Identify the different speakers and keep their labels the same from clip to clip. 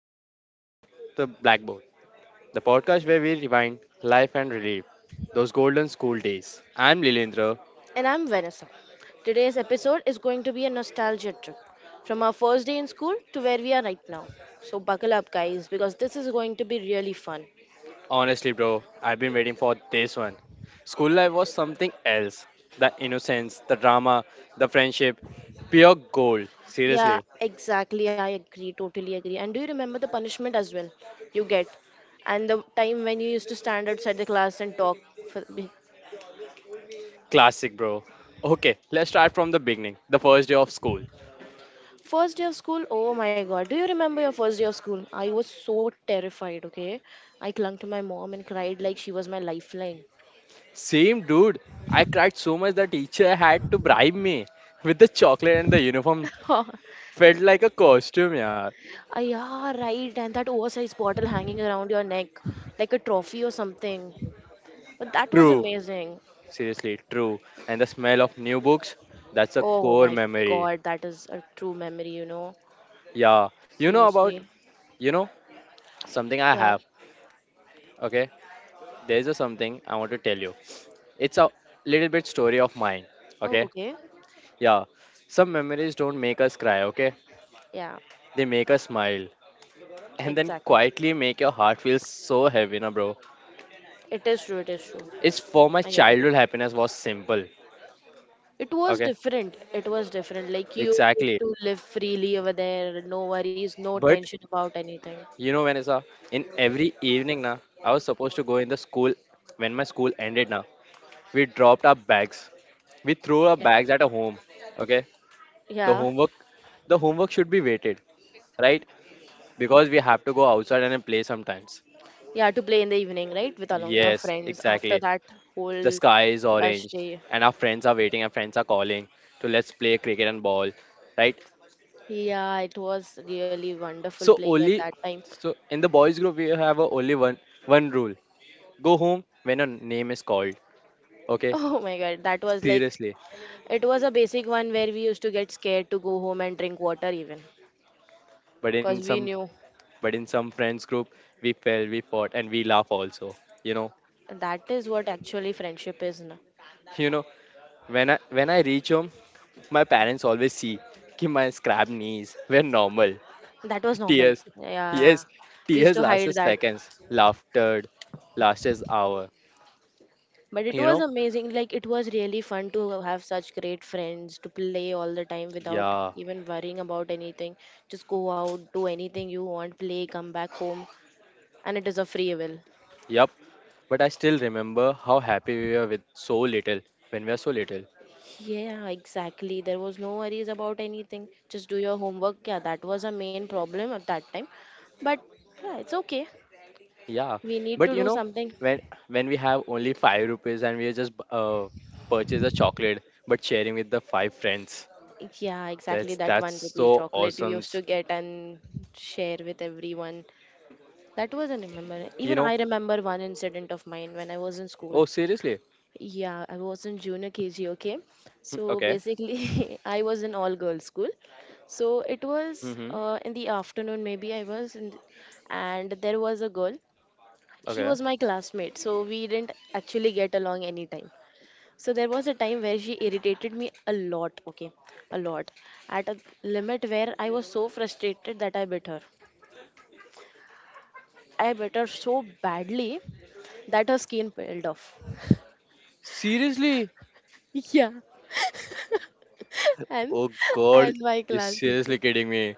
Speaker 1: welcome to the Blackboard, the podcast where we rewind life and relive those golden school days. I'm Lilendra.
Speaker 2: And I'm Vanessa. Today's episode is going to be a nostalgia trip from our first day in school to where we are right now. So, buckle up, guys, because this is going to be really fun.
Speaker 1: Honestly, bro, I've been waiting for this one. School life was something else. The innocence, the drama, the friendship, pure gold.
Speaker 2: Yeah,
Speaker 1: Seriously,
Speaker 2: exactly. I agree. Totally agree. And do you remember the punishment as well you get? And the time when you used to stand outside the class and talk. For, be-
Speaker 1: classic, bro. Okay, let's start from the beginning. The first day of school.
Speaker 2: First day of school, oh my God. Do you remember your first day of school? I was so terrified, okay? I clung to my mom and cried like she was my lifeline.
Speaker 1: Same dude. I cried so much that teacher had to bribe me with the chocolate and the uniform. Felt like a costume, yeah.
Speaker 2: Ah, yeah, right. And that oversized bottle hanging around your neck like a trophy or something. But that was
Speaker 1: True.
Speaker 2: amazing.
Speaker 1: Seriously, true. And the smell of new books, that's a
Speaker 2: Oh
Speaker 1: core
Speaker 2: my
Speaker 1: memory.
Speaker 2: God, that is a true memory.
Speaker 1: Yeah. You know about,
Speaker 2: Seriously.
Speaker 1: you know, something I
Speaker 2: Yeah.
Speaker 1: have. Okay. There's a something I want to tell you. It's a little bit story of mine.
Speaker 2: Oh,
Speaker 1: Okay.
Speaker 2: okay.
Speaker 1: Yeah. Some memories don't make us cry. Okay.
Speaker 2: Yeah,
Speaker 1: They make us smile and then
Speaker 2: exactly.
Speaker 1: quietly make your heart feel so heavy, na bro.
Speaker 2: It is true. It is true.
Speaker 1: It's for my
Speaker 2: I agree.
Speaker 1: childhood happiness was simple.
Speaker 2: It was
Speaker 1: Okay.
Speaker 2: different. It was different. Like you used
Speaker 1: Exactly.
Speaker 2: to live freely over there. No worries, no
Speaker 1: But
Speaker 2: tension about anything.
Speaker 1: Vanessa, in every evening now, I was supposed to go in the school when my school ended now. We dropped our bags. We threw our
Speaker 2: Yeah.
Speaker 1: bags at a home. Okay? The
Speaker 2: Yeah.
Speaker 1: homework the homework should be weighted, right? Because we have to go outside and then play sometimes.
Speaker 2: Yeah, to play in the evening, right? With along your
Speaker 1: Yes,
Speaker 2: friends after
Speaker 1: exactly.
Speaker 2: that
Speaker 1: The
Speaker 2: whole
Speaker 1: sky is
Speaker 2: rush
Speaker 1: orange
Speaker 2: day.
Speaker 1: and our friends are waiting, our friends are calling to let's play cricket and ball, right?
Speaker 2: Yeah, it was really wonderful
Speaker 1: So
Speaker 2: playing at
Speaker 1: only
Speaker 2: that time.
Speaker 1: so in the boys group we have a only one rule. Go home when your name is called. Okay?
Speaker 2: Oh my God, that was like
Speaker 1: Seriously,
Speaker 2: it was a basic one where we used to get scared to go home and drink water even
Speaker 1: but
Speaker 2: because
Speaker 1: in
Speaker 2: we
Speaker 1: some
Speaker 2: knew
Speaker 1: but in some friends group we fell, we fought, and we laugh also. You know,
Speaker 2: that is what actually friendship is. Na.
Speaker 1: you know when I reach home, my parents always see कि my scrap knees were normal.
Speaker 2: That was normal.
Speaker 1: Tears,
Speaker 2: Yeah,
Speaker 1: yes,
Speaker 2: we used
Speaker 1: tears
Speaker 2: to hide
Speaker 1: lasted
Speaker 2: that.
Speaker 1: seconds. Laughter lasted hour.
Speaker 2: But it
Speaker 1: You
Speaker 2: was
Speaker 1: know,
Speaker 2: amazing. Like, it was really fun to have such great friends, to play all the time without
Speaker 1: yeah,
Speaker 2: even worrying about anything. Just go out, do anything you want, play, come back home, and it is a free will.
Speaker 1: yup. But I still remember how happy we were with so little when we were so little.
Speaker 2: Yeah, exactly. There was no worries about anything. Just do your homework. Yeah, that was a main problem at that time. But yeah, it's okay.
Speaker 1: Yeah,
Speaker 2: We need
Speaker 1: but
Speaker 2: to do something.
Speaker 1: when when we have only 5 rupees and we just purchase a chocolate, but sharing with the five friends,
Speaker 2: Yeah, exactly.
Speaker 1: that's
Speaker 2: That
Speaker 1: that's
Speaker 2: one rupee
Speaker 1: so
Speaker 2: chocolate we
Speaker 1: awesome.
Speaker 2: used to get and share with everyone. That was an remember.
Speaker 1: You
Speaker 2: Even
Speaker 1: know?
Speaker 2: I remember one incident of mine when I was in school.
Speaker 1: Oh, seriously?
Speaker 2: Yeah, I was in junior KG, okay?
Speaker 1: Hmm,
Speaker 2: So
Speaker 1: okay.
Speaker 2: basically, I was in all girls school. So it was
Speaker 1: Mm-hmm.
Speaker 2: in the afternoon, maybe I was, in, and there was a girl. She
Speaker 1: Okay.
Speaker 2: was my classmate, so we didn't actually get along any time. So there was a time where she irritated me a lot, okay? A lot. At a limit where I was so frustrated that I bit her. I bit her so badly that her skin peeled off.
Speaker 1: Seriously?
Speaker 2: Yeah, and
Speaker 1: Oh
Speaker 2: and
Speaker 1: God,
Speaker 2: my
Speaker 1: you're
Speaker 2: class teacher
Speaker 1: seriously kidding me?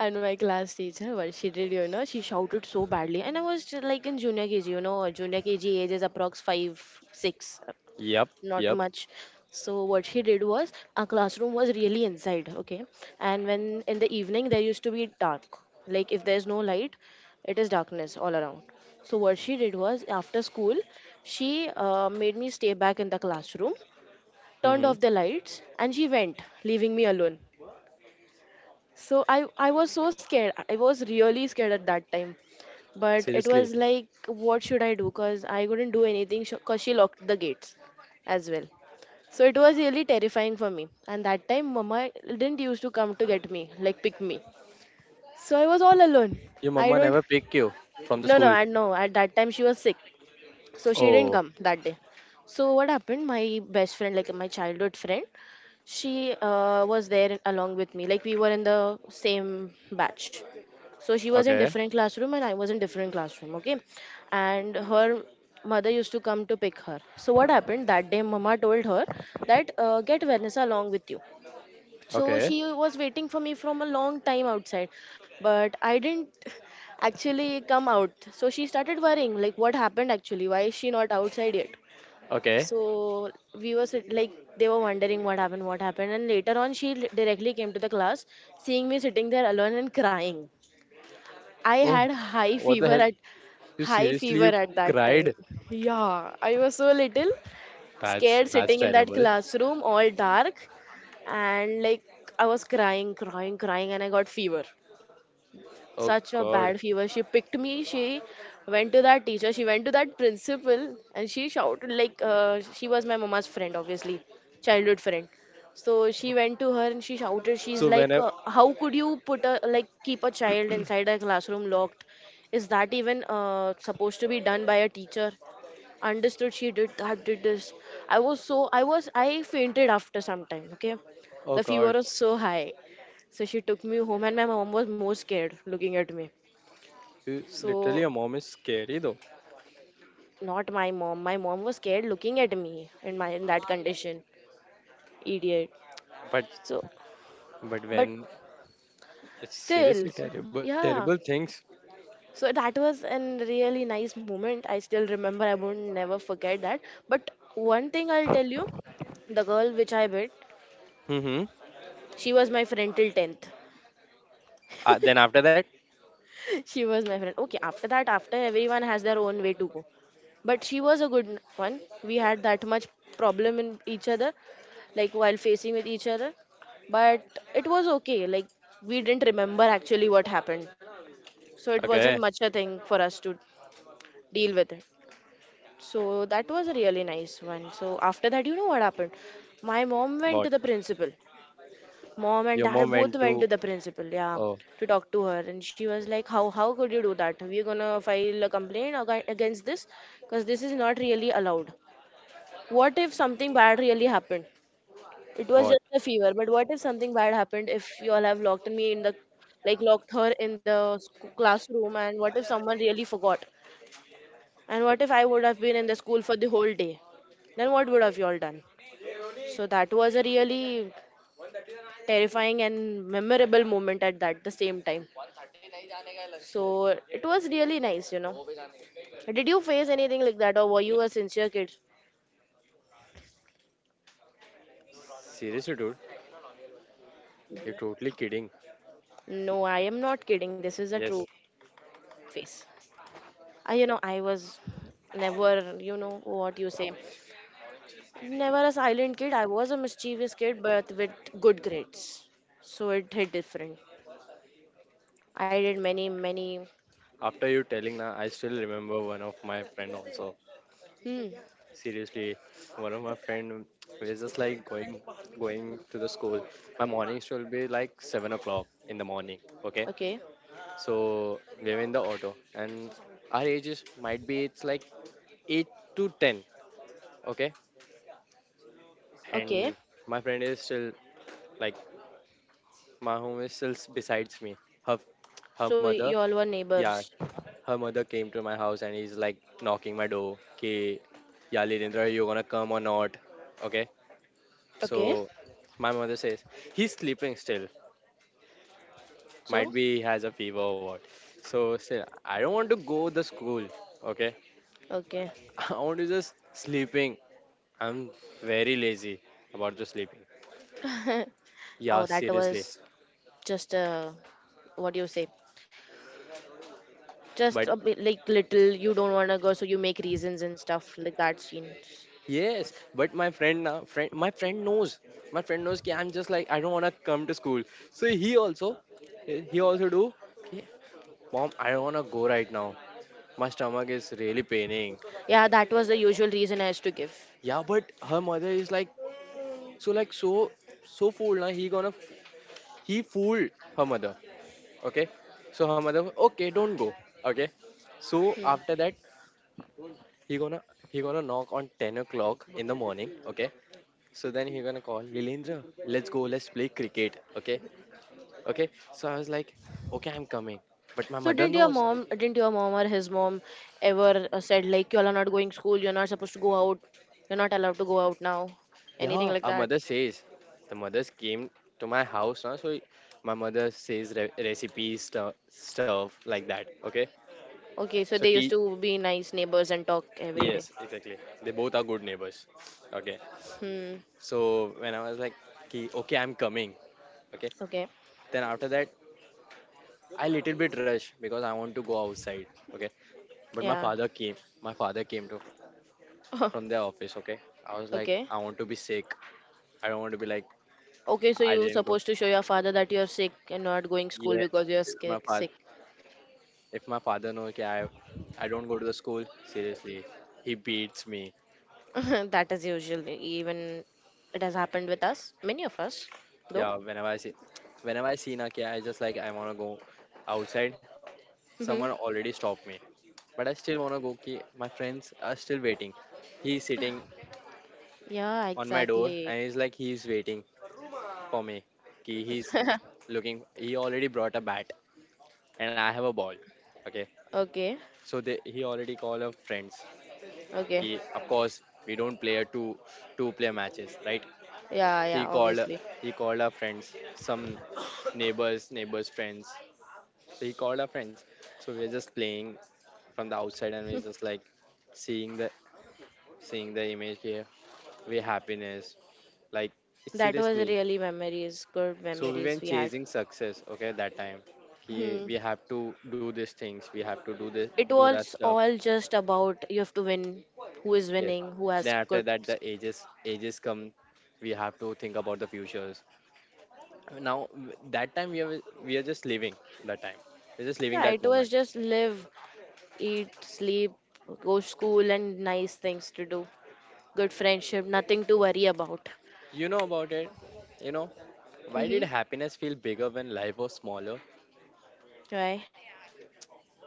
Speaker 2: what she did, she shouted so badly, and I was just like in junior KG, junior KG age is approx five six, uh,
Speaker 1: Yep.
Speaker 2: not
Speaker 1: Yep.
Speaker 2: much. So what she did was our classroom was really inside, okay, and when in the evening there used to be dark, like if there's no light, it is darkness all around. So what she did was after school, she made me stay back in the classroom, turned
Speaker 1: Mm-hmm.
Speaker 2: off the lights, and she went, leaving me alone. So I was so scared, I was really scared at that time. But it
Speaker 1: Seriously?
Speaker 2: was like, what should I do? Cuz I couldn't do anything, cuz she locked the gates as well. So it was really terrifying for me. And that time mama didn't used to come to get me, like pick me. So I was all alone.
Speaker 1: Your
Speaker 2: I
Speaker 1: mama
Speaker 2: don't.
Speaker 1: never pick you from the
Speaker 2: No, no,
Speaker 1: school.
Speaker 2: I know at that time she was sick, so she didn't
Speaker 1: Oh.
Speaker 2: come that day. So what happened, my best friend, like my childhood friend, she was there along with me, like we were in the same batch. So she was in
Speaker 1: Okay.
Speaker 2: different classroom and I was in different classroom, okay. And her mother used to come to pick her, so what happened that day mama told her that get Vanessa along with you. So
Speaker 1: Okay.
Speaker 2: she was waiting for me from a long time outside, but I didn't actually come out. So she started worrying, like, what happened actually, why is she not outside yet?
Speaker 1: Okay.
Speaker 2: So like, they were wondering what happened, and later on she directly came to the class, seeing me sitting there alone and crying. I
Speaker 1: Oh,
Speaker 2: had
Speaker 1: what the hell? You
Speaker 2: high
Speaker 1: seriously
Speaker 2: fever
Speaker 1: you
Speaker 2: at that time.
Speaker 1: cried?
Speaker 2: Yeah, I was so little,
Speaker 1: That's
Speaker 2: scared
Speaker 1: that's
Speaker 2: sitting in that
Speaker 1: terrible.
Speaker 2: classroom, all dark. And like, I was crying, crying, crying and I got fever.
Speaker 1: Oh
Speaker 2: Such a
Speaker 1: God.
Speaker 2: bad fever. She picked me, she went to that teacher, she went to that principal and she shouted, like, she was my mama's friend obviously, childhood friend. So she went to her and she shouted, she's
Speaker 1: So when
Speaker 2: like,
Speaker 1: I,
Speaker 2: how could you like keep a child inside a classroom locked? Is that even supposed to be done by a teacher? Understood she did that, did this, I was so I was I fainted after some time, okay.
Speaker 1: oh
Speaker 2: The fever
Speaker 1: God,
Speaker 2: was so high, so she took me home and my mom was more scared looking at me.
Speaker 1: You- literally
Speaker 2: So,
Speaker 1: a mom is scary though.
Speaker 2: not my mom, my mom was scared looking at me in my in that condition, idiot.
Speaker 1: But
Speaker 2: So
Speaker 1: but
Speaker 2: but
Speaker 1: when it's
Speaker 2: still,
Speaker 1: seriously terrible,
Speaker 2: yeah,
Speaker 1: terrible things.
Speaker 2: so that was a really nice moment, I still remember, I won't never forget that. But one thing I'll tell you, the girl which I met,
Speaker 1: Mm-hmm.
Speaker 2: she was my friend till 10th,
Speaker 1: Then after that,
Speaker 2: she was my friend. Okay, after that, after everyone has their own way to go. But she was a good one. We had that much problem in each other, like while facing with each other. But it was okay. Like, we didn't remember actually what happened. So it wasn't
Speaker 1: okay,
Speaker 2: much a thing for us to deal with it. So that was a really nice one. So after that, you know what happened? My mom went
Speaker 1: what?
Speaker 2: to the principal. Mom and
Speaker 1: Your mom
Speaker 2: dad both
Speaker 1: went
Speaker 2: went
Speaker 1: to,
Speaker 2: to the principal, yeah,
Speaker 1: oh,
Speaker 2: to talk to her. And she was like, how could you do that? We're gonna file a complaint against this because this is not really allowed. What if something bad really happened? It was
Speaker 1: what?
Speaker 2: just a fever, but what if something bad happened if you all have locked me in the like locked her in the classroom? And what if someone really forgot? And what if I would have been in the school for the whole day? Then what would have you all done? So that was a really terrifying and memorable moment at that the same time. So it was really nice. Did you face anything like that, or were you a sincere kid?
Speaker 1: Seriously, dude, you're totally kidding.
Speaker 2: No, I am not kidding. This is a
Speaker 1: Yes.
Speaker 2: true face. I was never, you know, what you say, never a silent kid. I was a mischievous kid, but with good grades. So it hit different. I did many, many.
Speaker 1: After you telling now, I still remember one of my friend also.
Speaker 2: Hmm.
Speaker 1: Seriously, one of my friend is just like going to the school. My mornings will be like 7 o'clock in the morning. Okay.
Speaker 2: Okay.
Speaker 1: So we were in the auto, and our ages might be it's like 8 to 10, okay. And
Speaker 2: Okay.
Speaker 1: my friend is still like my home is still s- besides me. Her, her
Speaker 2: So
Speaker 1: mother,
Speaker 2: you all were
Speaker 1: yeah,
Speaker 2: neighbors.
Speaker 1: her mother came to my house and he's like knocking my door. Okay, yeah, Lilindra, you gonna come or not? Okay.
Speaker 2: Okay.
Speaker 1: So my mother says he's sleeping still. Might
Speaker 2: So,
Speaker 1: be he has a fever or what. So still, I don't want to go the school. Okay,
Speaker 2: okay.
Speaker 1: I want to just sleeping I'm very lazy about the sleeping. Yeah,
Speaker 2: Oh, that
Speaker 1: seriously.
Speaker 2: was just a, what do you say? Just
Speaker 1: But
Speaker 2: a bit like little, you don't want to go so you make reasons and stuff like that, scene.
Speaker 1: yes, but my friend knows. My friend knows that I'm just like I don't wanna come to school. So he also do. "Okay, Mom, I don't wanna go right now. My stomach is really paining.
Speaker 2: Yeah, that was the usual reason I used to give.
Speaker 1: Yeah, but her mother is like so like so so fooled. Now he fooled her mother. Okay, so her mother okay don't go. Okay, so
Speaker 2: Hmm.
Speaker 1: after that He gonna he gonna knock on 10 o'clock in the morning. Okay. So then he gonna call Lilendra. Let's go. Let's play cricket. Okay. Okay. So I was like, okay, I'm coming. But my
Speaker 2: So
Speaker 1: mother
Speaker 2: didn't your
Speaker 1: knows.
Speaker 2: mom didn't your mom or his mom ever said like you all are not going school, you're not supposed to go out, you're not allowed to go out now, anything
Speaker 1: Yeah,
Speaker 2: like
Speaker 1: our
Speaker 2: that?
Speaker 1: mother says. The mothers came to my house now. So my mother says re- recipes stu- stuff like that. Okay.
Speaker 2: Okay, so
Speaker 1: So
Speaker 2: they used
Speaker 1: tea.
Speaker 2: to be nice neighbors and talk every day.
Speaker 1: Yes, exactly. They both are good neighbors. Okay.
Speaker 2: Hmm.
Speaker 1: So when I was like, "Ki- okay, I'm coming. Okay.
Speaker 2: Okay.
Speaker 1: Then after that, I little bit rush because I want to go outside. Okay. But my
Speaker 2: Yeah.
Speaker 1: father came. My father came to from the office. Okay, I was like,
Speaker 2: Okay,
Speaker 1: I want to be sick. I don't want to be like
Speaker 2: okay, so
Speaker 1: I
Speaker 2: you
Speaker 1: didn't go.
Speaker 2: supposed to show your father that you're sick and not going school
Speaker 1: Yeah,
Speaker 2: because you're
Speaker 1: if my
Speaker 2: sick
Speaker 1: father.
Speaker 2: sick.
Speaker 1: If my father knows that I don't go to the school. Seriously, he beats me.
Speaker 2: That is usually even it has happened with us, many of us, though.
Speaker 1: Yeah, whenever I see na, okay, I just like I wanna go outside.
Speaker 2: Hmm.
Speaker 1: Someone already stopped me, but I still wanna go. Okay, my friends are still waiting. He's sitting
Speaker 2: Yeah,
Speaker 1: on my door
Speaker 2: exactly.
Speaker 1: and he's waiting for me. Ki he's looking. He already brought a bat and I have a ball. Okay,
Speaker 2: Okay,
Speaker 1: so they, he already called up friends.
Speaker 2: okay.
Speaker 1: He, of course, we don't play a two player matches, right?
Speaker 2: Yeah,
Speaker 1: So he
Speaker 2: yeah,
Speaker 1: called
Speaker 2: obviously.
Speaker 1: he called our friends, some neighbors' friends. So he called our friends. So we are just playing from the outside, and we're just like seeing the seeing the image here. We happiness, like
Speaker 2: That was
Speaker 1: seriously.
Speaker 2: really memories, good
Speaker 1: So we
Speaker 2: memories
Speaker 1: went
Speaker 2: we had.
Speaker 1: chasing success. Okay, that time. He,
Speaker 2: Hmm.
Speaker 1: we have to do these things. We have to do this,
Speaker 2: It
Speaker 1: do that
Speaker 2: was
Speaker 1: stuff.
Speaker 2: all just about you have to win, who is
Speaker 1: Yes.
Speaker 2: winning, who has
Speaker 1: Then after
Speaker 2: good.
Speaker 1: that, the ages come. We have to think about the futures. Now w- that time we are just living that time. We're just living
Speaker 2: Yeah,
Speaker 1: that
Speaker 2: it
Speaker 1: moment.
Speaker 2: was just live, eat, sleep, go school, and nice things to do. Good friendship, nothing to worry about.
Speaker 1: You know about it. You know why
Speaker 2: Mm-hmm.
Speaker 1: did happiness feel bigger when life was smaller?
Speaker 2: Right?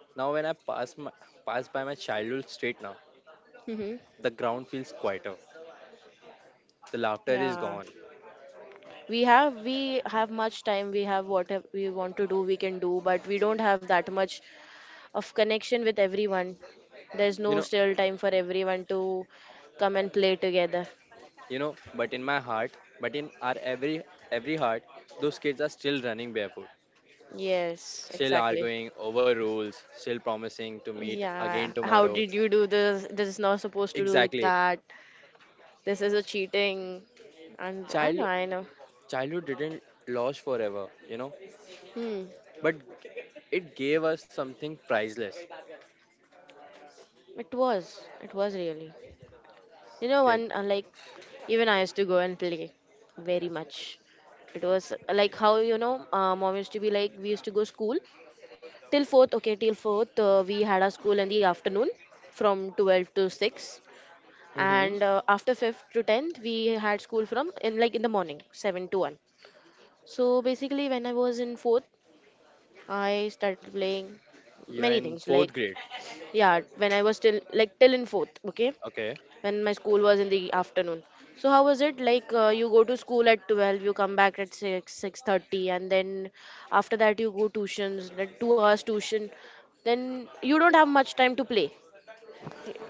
Speaker 1: Now when pass by my childhood street now,
Speaker 2: Mm-hmm.
Speaker 1: the ground feels quieter. The laughter is
Speaker 2: Yeah.
Speaker 1: gone.
Speaker 2: We have much time, we have we want to do we can do, but we don't have that much of connection with everyone. There's no
Speaker 1: You know
Speaker 2: still time for everyone to come and play together.
Speaker 1: But in my heart, but in our every heart, those kids are still running barefoot
Speaker 2: Yes,
Speaker 1: still
Speaker 2: exactly.
Speaker 1: arguing over rules, still promising to meet again
Speaker 2: Yeah, how
Speaker 1: tomorrow.
Speaker 2: did you do this? This is not supposed to do like
Speaker 1: Exactly.
Speaker 2: that. This is a cheating. And I
Speaker 1: Child
Speaker 2: know, I know.
Speaker 1: childhood didn't last forever, you know,
Speaker 2: Hmm.
Speaker 1: but it gave us something priceless.
Speaker 2: It was really, you know
Speaker 1: Okay.
Speaker 2: one like even I used to go and play very much. It was like, how mom used to be like we used to go school till fourth. Okay, till fourth we had our school in the afternoon from 12 to 6,
Speaker 1: Mm-hmm.
Speaker 2: and after fifth to 10th we had school from in the morning 7 to 1. So basically, when I was in fourth, I started playing
Speaker 1: You're
Speaker 2: many
Speaker 1: in
Speaker 2: things like
Speaker 1: fourth grade.
Speaker 2: yeah when I was still like till in fourth, okay,
Speaker 1: Okay.
Speaker 2: when my school was in the afternoon. So how was it? Like you go to school at 12, you come back at 6, 6:30 and then after that you go tuitions, like 2 hours tuition. Then you don't have much time to play.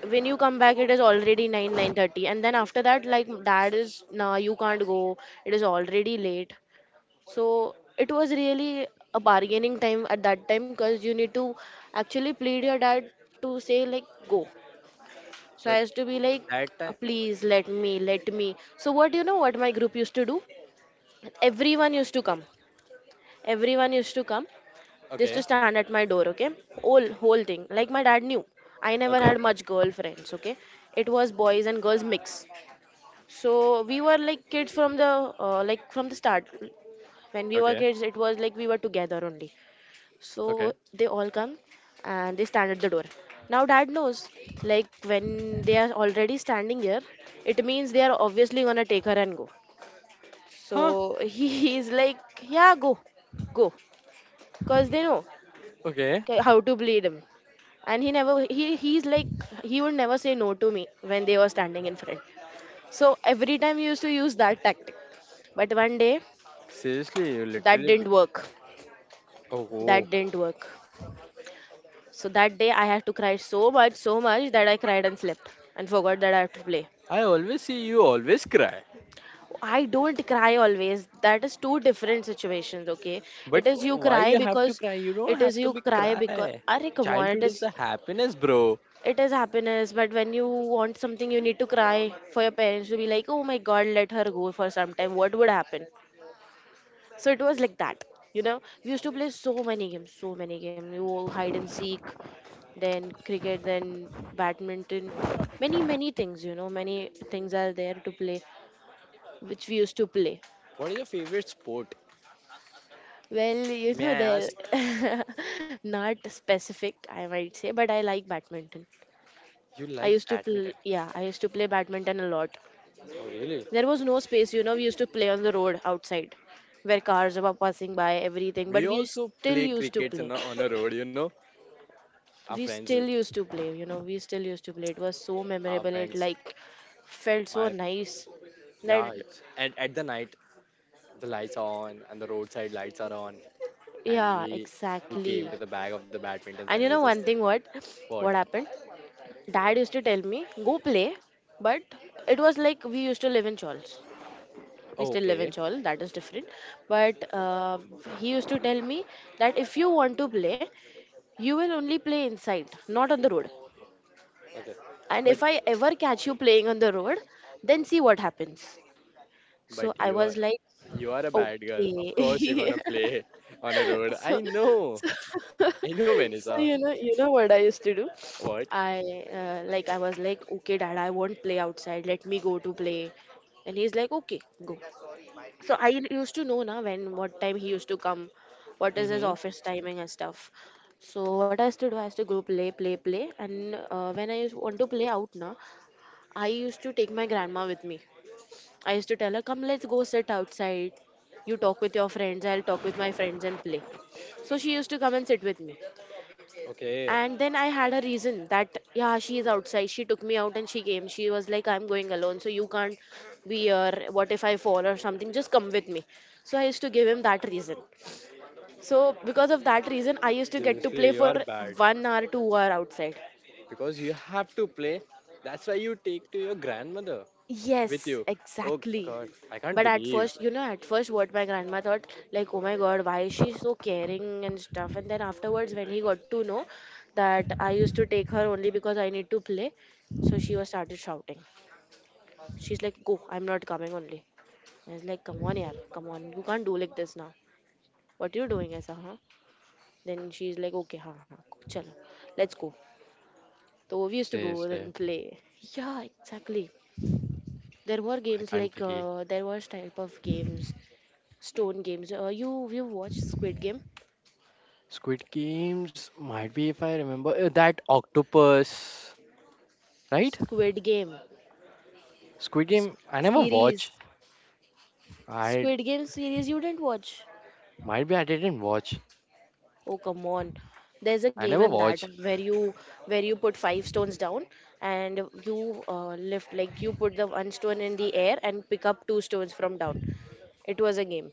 Speaker 2: When you come back it is already 9, 9:30 and then after that like dad is nah, you can't go. It is already late. So it was really a bargaining time at that time because you need to actually plead your dad to say like go. So
Speaker 1: But
Speaker 2: I used to be like,
Speaker 1: that
Speaker 2: "Uh,
Speaker 1: time.
Speaker 2: please let me, let me." So what, you know what my group used to do? Everyone used to come. Everyone used to come just
Speaker 1: Okay.
Speaker 2: to stand at my door, okay? Whole thing. Like my dad knew. I never
Speaker 1: Okay.
Speaker 2: had much girlfriends, okay? It was boys and girls mix. So we were like kids from the like from the start. When we were
Speaker 1: Okay.
Speaker 2: kids, it was like we were together only. So
Speaker 1: Okay.
Speaker 2: they all come and they stand at the door. Now dad knows, like when they are already standing here, it means they are obviously gonna take her and go.
Speaker 1: Huh?
Speaker 2: So he is like, yeah, go, go, cause they know
Speaker 1: Okay.
Speaker 2: how to bleed him. And he he would never say no to me when they were standing in front. So every time he used to use that tactic. But one day
Speaker 1: Seriously, you
Speaker 2: that
Speaker 1: literally. Be-
Speaker 2: didn't work.
Speaker 1: oh, oh.
Speaker 2: That didn't work. So that day I had to cry so much, so much that I cried and slept and forgot that I have to play.
Speaker 1: I always see you always cry.
Speaker 2: I don't cry always. That is two different situations, okay? It
Speaker 1: But
Speaker 2: is you
Speaker 1: why
Speaker 2: cry
Speaker 1: you have to
Speaker 2: because
Speaker 1: cry? You don't
Speaker 2: it is
Speaker 1: have to
Speaker 2: you
Speaker 1: be
Speaker 2: cry because
Speaker 1: cry.
Speaker 2: Arey, come on,
Speaker 1: Childhood is a happiness, bro.
Speaker 2: it is happiness, but when you want something you need to cry for your parents to be like, "Oh my god, let her go for some time. What would happen?" So it was like that. You know, we used to play so many games, so many games. You hide and seek, then cricket, then badminton, many many things. You know, many things are there to play, which we used to play.
Speaker 1: What is your favorite sport?
Speaker 2: Well, you
Speaker 1: May
Speaker 2: know,
Speaker 1: I
Speaker 2: they're
Speaker 1: ask?
Speaker 2: not specific, I might say, but I like badminton.
Speaker 1: You
Speaker 2: I
Speaker 1: like
Speaker 2: used to
Speaker 1: badminton?
Speaker 2: play, yeah, I used to play badminton a lot.
Speaker 1: Oh, really?
Speaker 2: There was no space, you know, we used to play on the road outside where cars were passing by, everything, but
Speaker 1: We
Speaker 2: we
Speaker 1: also
Speaker 2: still
Speaker 1: play
Speaker 2: used to
Speaker 1: cricket on
Speaker 2: play.
Speaker 1: on a road. You know, our
Speaker 2: We
Speaker 1: friends,
Speaker 2: still used to play you know we still used to play. It was so
Speaker 1: our
Speaker 2: memorable, it
Speaker 1: friends.
Speaker 2: like felt so
Speaker 1: My
Speaker 2: nice that
Speaker 1: yeah, it's at the night the lights are on and the roadside lights are on, and
Speaker 2: yeah,
Speaker 1: we came
Speaker 2: exactly.
Speaker 1: to the back of the badminton
Speaker 2: And
Speaker 1: and
Speaker 2: you
Speaker 1: we
Speaker 2: know one
Speaker 1: just
Speaker 2: thing, what
Speaker 1: what?
Speaker 2: happened, dad used to tell me go play, but it was like we used to live in Chols. We
Speaker 1: Oh,
Speaker 2: still live in
Speaker 1: okay,
Speaker 2: Chawl, that is different. But he used to tell me that if you want to play, you will only play inside, not on the road,
Speaker 1: okay,
Speaker 2: and
Speaker 1: but
Speaker 2: if I ever catch you playing on the road, then see what happens. So
Speaker 1: but
Speaker 2: I
Speaker 1: you
Speaker 2: was
Speaker 1: are
Speaker 2: like,
Speaker 1: you are a bad girl. Of
Speaker 2: okay.
Speaker 1: course you're gonna play on a road. I know,
Speaker 2: So
Speaker 1: Vanessa.
Speaker 2: you know what I used to do?
Speaker 1: What?
Speaker 2: I like I was like, okay, dad, I won't play outside. Let me go to play. And he's like, okay, go. So I used to know now when what time he used to come, what is his
Speaker 1: Mm-hmm.
Speaker 2: office timing and stuff. So what I used to do, I used to go play, play, play. And when I used want to play out now, I used to take my grandma with me. I used to tell her, come, let's go sit outside. You talk with your friends, I'll talk with my friends and play. So she used to come and sit with me.
Speaker 1: Okay,
Speaker 2: And then I had a reason that, yeah, she is outside. She took me out and she came. She was like, I'm going alone, so you can't be here. What if I fall or something? Just come with me. So I used to give him that reason. So because of that reason, I used to get to
Speaker 1: seriously,
Speaker 2: play
Speaker 1: you
Speaker 2: for
Speaker 1: are bad.
Speaker 2: 1 hour, 2 hour outside.
Speaker 1: Because you have to play. That's why you take to your grandmother with
Speaker 2: Yes,
Speaker 1: you. Oh
Speaker 2: exactly.
Speaker 1: God, I can't
Speaker 2: But at
Speaker 1: believe.
Speaker 2: first, you know, at first, what my grandma thought, like, oh my god, why is she so caring and stuff? And then afterwards, when he got to know that I used to take her only because I need to play, so she was started shouting. She's like, go, I'm not coming only. I was like, come on, yaar, come on, you can't do like this now. What you doing, ऐसा, huh? Then she's like, okay, ha, ha, chalo, let's go. So we used to go
Speaker 1: Seriously,
Speaker 2: and play. Yeah, exactly. There were
Speaker 1: I
Speaker 2: games
Speaker 1: can't
Speaker 2: like
Speaker 1: believe.
Speaker 2: there was type of games, Stone Games. You watched Squid Game?
Speaker 1: Squid Games might be if I remember that octopus, right?
Speaker 2: Squid Game
Speaker 1: Squid Game, I never
Speaker 2: series.
Speaker 1: watch. I
Speaker 2: Squid Game series you didn't watch?
Speaker 1: might be I didn't watch.
Speaker 2: Oh come on. There's a
Speaker 1: I
Speaker 2: game
Speaker 1: never
Speaker 2: in that
Speaker 1: watch.
Speaker 2: where you put five stones down and you lift, like you put the one stone in the air and pick up two stones from down. It was a game.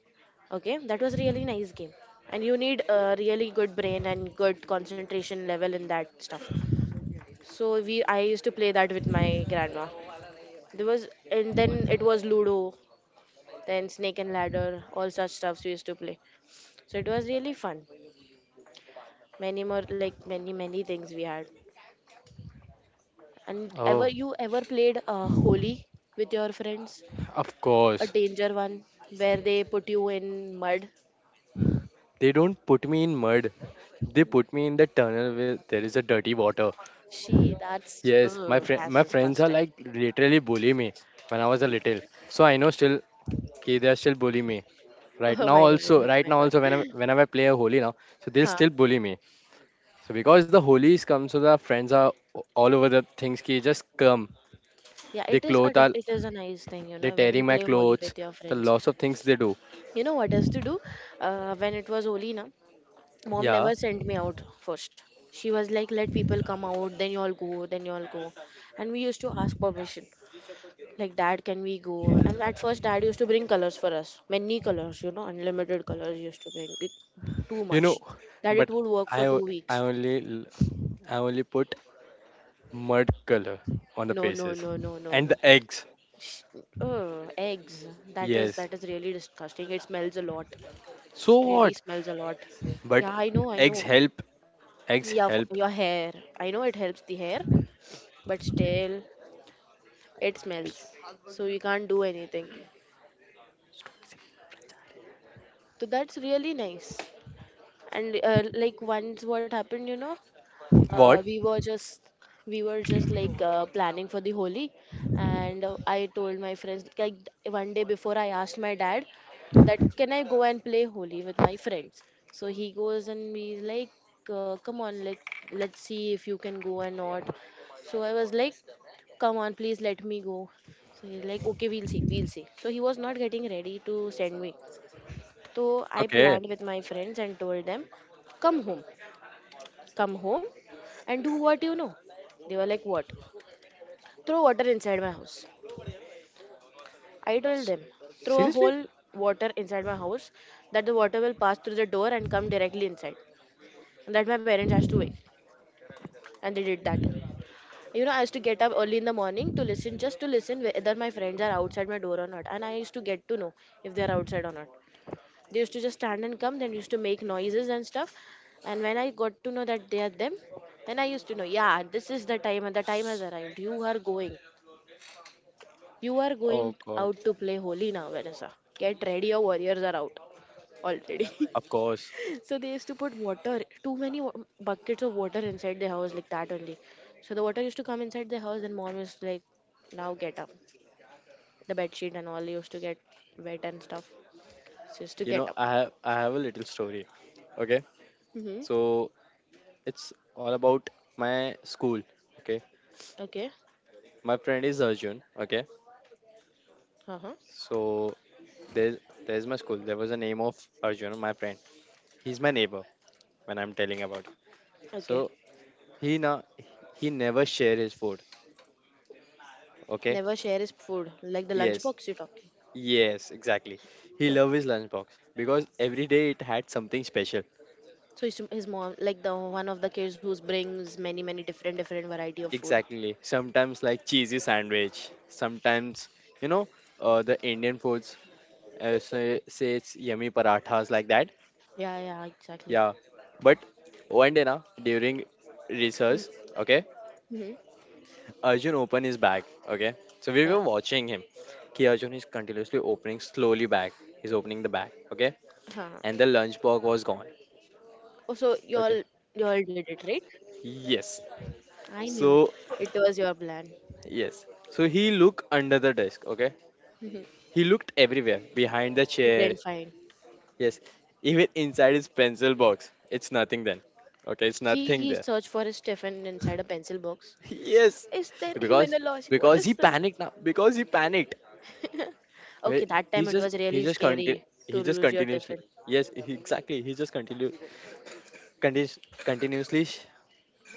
Speaker 2: Okay, that was really nice game. And you need a really good brain and good concentration level in that stuff. So we I used to play that with my grandma. There was, and then it was Ludo, then Snake and Ladder, all such stuffs we used to play. So it was really fun. Many more, like many many things we had. And ever
Speaker 1: Oh,
Speaker 2: you ever played Holi with your friends?
Speaker 1: of
Speaker 2: A
Speaker 1: course.
Speaker 2: danger one where they put you in mud.
Speaker 1: They don't put me in mud. They put me in the tunnel where there is a dirty water.
Speaker 2: She, that's,
Speaker 1: Yes,
Speaker 2: ugh, that's
Speaker 1: my friends are
Speaker 2: disgusting.
Speaker 1: like literally bully me when I was a little. So I know still okay, they are still bully me right
Speaker 2: Oh
Speaker 1: now.
Speaker 2: my god,
Speaker 1: Also,
Speaker 2: oh
Speaker 1: right
Speaker 2: my
Speaker 1: now
Speaker 2: god.
Speaker 1: also whenever whenever I play a holy now, so they'll
Speaker 2: Huh.
Speaker 1: still bully me. So because the holies come, so the friends are o- all over the things. Ki just come,
Speaker 2: Yeah,
Speaker 1: they
Speaker 2: it is a
Speaker 1: clothes are
Speaker 2: it is a nice thing, you
Speaker 1: they
Speaker 2: know, when you
Speaker 1: tearing my
Speaker 2: play Holi
Speaker 1: clothes.
Speaker 2: with your
Speaker 1: The
Speaker 2: friends.
Speaker 1: lots of things they do.
Speaker 2: You know what else to do? When it was Holi, na? Mom
Speaker 1: Yeah,
Speaker 2: never sent me out first. She was like, let people come out, then you all go, then you all go. And we used to ask permission. Like, dad, can we go? And at first, dad used to bring colors for us. Many colors, you know, unlimited colors used to bring. It, too
Speaker 1: you know,
Speaker 2: much. That
Speaker 1: but
Speaker 2: it would work for
Speaker 1: I
Speaker 2: two
Speaker 1: o- I
Speaker 2: weeks.
Speaker 1: only l- I only put mud color on the
Speaker 2: No, no,
Speaker 1: faces
Speaker 2: no, no, no,
Speaker 1: and
Speaker 2: no.
Speaker 1: the eggs.
Speaker 2: Sh- oh, eggs.
Speaker 1: Yes.
Speaker 2: That is really disgusting. It smells a lot.
Speaker 1: So
Speaker 2: It really
Speaker 1: what?
Speaker 2: smells a lot.
Speaker 1: But
Speaker 2: Yeah, I know, I
Speaker 1: eggs
Speaker 2: know.
Speaker 1: help. Eggs
Speaker 2: Yeah, for
Speaker 1: help.
Speaker 2: your hair. I know it helps the hair, but still it smells, so you can't do anything. So that's really nice. And like once what happened, you know, uh,
Speaker 1: What?
Speaker 2: we were just we were just like planning for the Holi, and I told my friends like one day before I asked my dad that can I go and play Holi with my friends. So he goes and he's like, come on, let's see if you can go or not. So I was like, come on, please let me go. So he's like, okay, we'll see, we'll see. So he was not getting ready to send me. So I
Speaker 1: Okay.
Speaker 2: planned with my friends and told them, come home come home and do what you know. They were like, what? Throw water inside my house. I told them, throw a
Speaker 1: Seriously?
Speaker 2: whole water inside my house, that the water will pass through the door and come directly inside. And that my parents has to wake. And they did that. You know, I used to get up early in the morning to listen, just to listen whether my friends are outside my door or not. And I used to get to know if they are outside or not. They used to just stand and come, then used to make noises and stuff, and when I got to know that they are them, then I used to know, yeah, this is the time and the time has arrived. You are going, you are going
Speaker 1: Oh God.
Speaker 2: out to play Holy now, Vanessa. Get ready, your warriors are out already.
Speaker 1: Of course.
Speaker 2: So they used to put water, buckets of water inside the house like that only. So the water used to come inside the house and mom is like, now get up, the bed sheet and all used to get wet and stuff, so used to
Speaker 1: You
Speaker 2: get
Speaker 1: know
Speaker 2: up.
Speaker 1: I have a little story. Okay.
Speaker 2: Mm-hmm.
Speaker 1: So it's all about my school. Okay.
Speaker 2: Okay.
Speaker 1: My friend is Arjun. Okay.
Speaker 2: Uh-huh.
Speaker 1: So there's there's my school there was a name of Arjun my friend. He's my neighbor when I'm telling about it.
Speaker 2: Okay.
Speaker 1: So he now he never share his food. Okay.
Speaker 2: Never share his food, like the
Speaker 1: Yes,
Speaker 2: lunchbox you're talking?
Speaker 1: yes, exactly. He love his lunchbox because every day it had something special.
Speaker 2: So his mom, like the one of the kids who brings many many different different variety of food.
Speaker 1: Exactly, sometimes like cheesy sandwich, sometimes you know, the Indian foods, say it's yummy parathas like that.
Speaker 2: Yeah yeah exactly.
Speaker 1: Yeah. But one day now, during research, okay,
Speaker 2: Mm-hmm.
Speaker 1: Arjun opened his bag. Okay. So we
Speaker 2: Yeah.
Speaker 1: were watching him. Ki Arjun is continuously opening slowly bag. He's opening the bag. Okay.
Speaker 2: Huh.
Speaker 1: And the lunch box was gone.
Speaker 2: Oh, so you all,
Speaker 1: Okay.
Speaker 2: you all did it right.
Speaker 1: Yes.
Speaker 2: I knew
Speaker 1: So
Speaker 2: it was your plan.
Speaker 1: yes. So he looked under the desk. Okay.
Speaker 2: Mhm.
Speaker 1: He looked everywhere. Behind the
Speaker 2: He
Speaker 1: chair.
Speaker 2: didn't find.
Speaker 1: Yes. Even inside his pencil box. It's nothing then. Okay, it's
Speaker 2: he
Speaker 1: nothing
Speaker 2: he
Speaker 1: there.
Speaker 2: searched for his Stefan inside a pencil box?
Speaker 1: Yes,
Speaker 2: Is there even
Speaker 1: because
Speaker 2: a logic, what
Speaker 1: because
Speaker 2: is
Speaker 1: he
Speaker 2: this?
Speaker 1: panicked now. Because he panicked. Where-
Speaker 2: Okay, that
Speaker 1: He
Speaker 2: time it
Speaker 1: just
Speaker 2: was
Speaker 1: he
Speaker 2: really
Speaker 1: just
Speaker 2: scary
Speaker 1: continue
Speaker 2: to
Speaker 1: he just
Speaker 2: lose your
Speaker 1: continuously.
Speaker 2: tiffin.
Speaker 1: Yes, he, exactly. He just continues continuously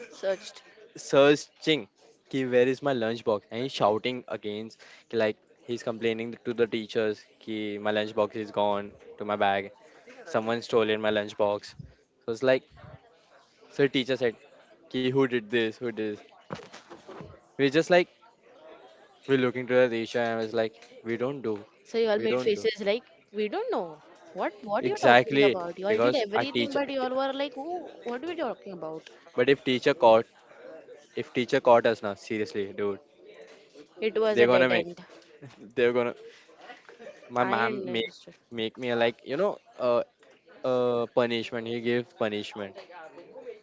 Speaker 2: Searched.
Speaker 1: searching. Ki, where is my lunch box? And he's shouting against. Ki, like he's complaining to the teachers. Ki, my lunch box is gone to my bag. Someone stole in my lunch box. So it's like, so teacher said, "Ki, who did this? Who did this?" We're just like, we're looking to the teacher and it's like, we don't do,
Speaker 2: So you all
Speaker 1: we
Speaker 2: made
Speaker 1: don't do.
Speaker 2: faces like we don't know what you're talking
Speaker 1: Exactly,
Speaker 2: about. You all did
Speaker 1: because a
Speaker 2: everything,
Speaker 1: teacher.
Speaker 2: but you all were like, oh, what are we talking about?
Speaker 1: But if teacher caught us now, seriously, dude,
Speaker 2: It was
Speaker 1: they're
Speaker 2: a dead
Speaker 1: gonna make,
Speaker 2: end.
Speaker 1: they're gonna. My
Speaker 2: I
Speaker 1: mom make
Speaker 2: understood.
Speaker 1: make me like punishment. He gave punishment.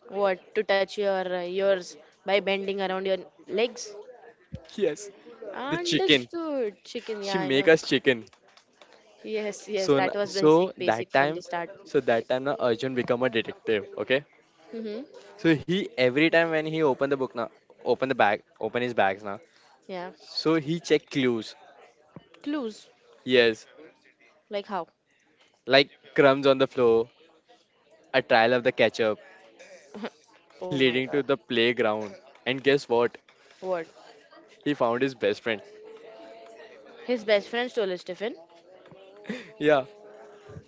Speaker 2: What to touch your ears by bending around your legs?
Speaker 1: Yes, the chicken.
Speaker 2: Understood, chicken. Yeah,
Speaker 1: She
Speaker 2: I
Speaker 1: make
Speaker 2: know.
Speaker 1: us chicken.
Speaker 2: Yes, yes,
Speaker 1: So
Speaker 2: that was basic, basic
Speaker 1: that
Speaker 2: from the
Speaker 1: time,
Speaker 2: start.
Speaker 1: so that time now Arjun become a detective. Okay.
Speaker 2: Mm-hmm.
Speaker 1: So he every time when he open the book now, open the bag, open his bags now.
Speaker 2: Yeah.
Speaker 1: So he check clues.
Speaker 2: Clues.
Speaker 1: Yes,
Speaker 2: Like how?
Speaker 1: like crumbs on the floor, a trial of the ketchup,
Speaker 2: Oh my
Speaker 1: leading
Speaker 2: god.
Speaker 1: to the playground. And guess what?
Speaker 2: What?
Speaker 1: He found his best friend.
Speaker 2: His best friend stole his tiffin.
Speaker 1: Yeah,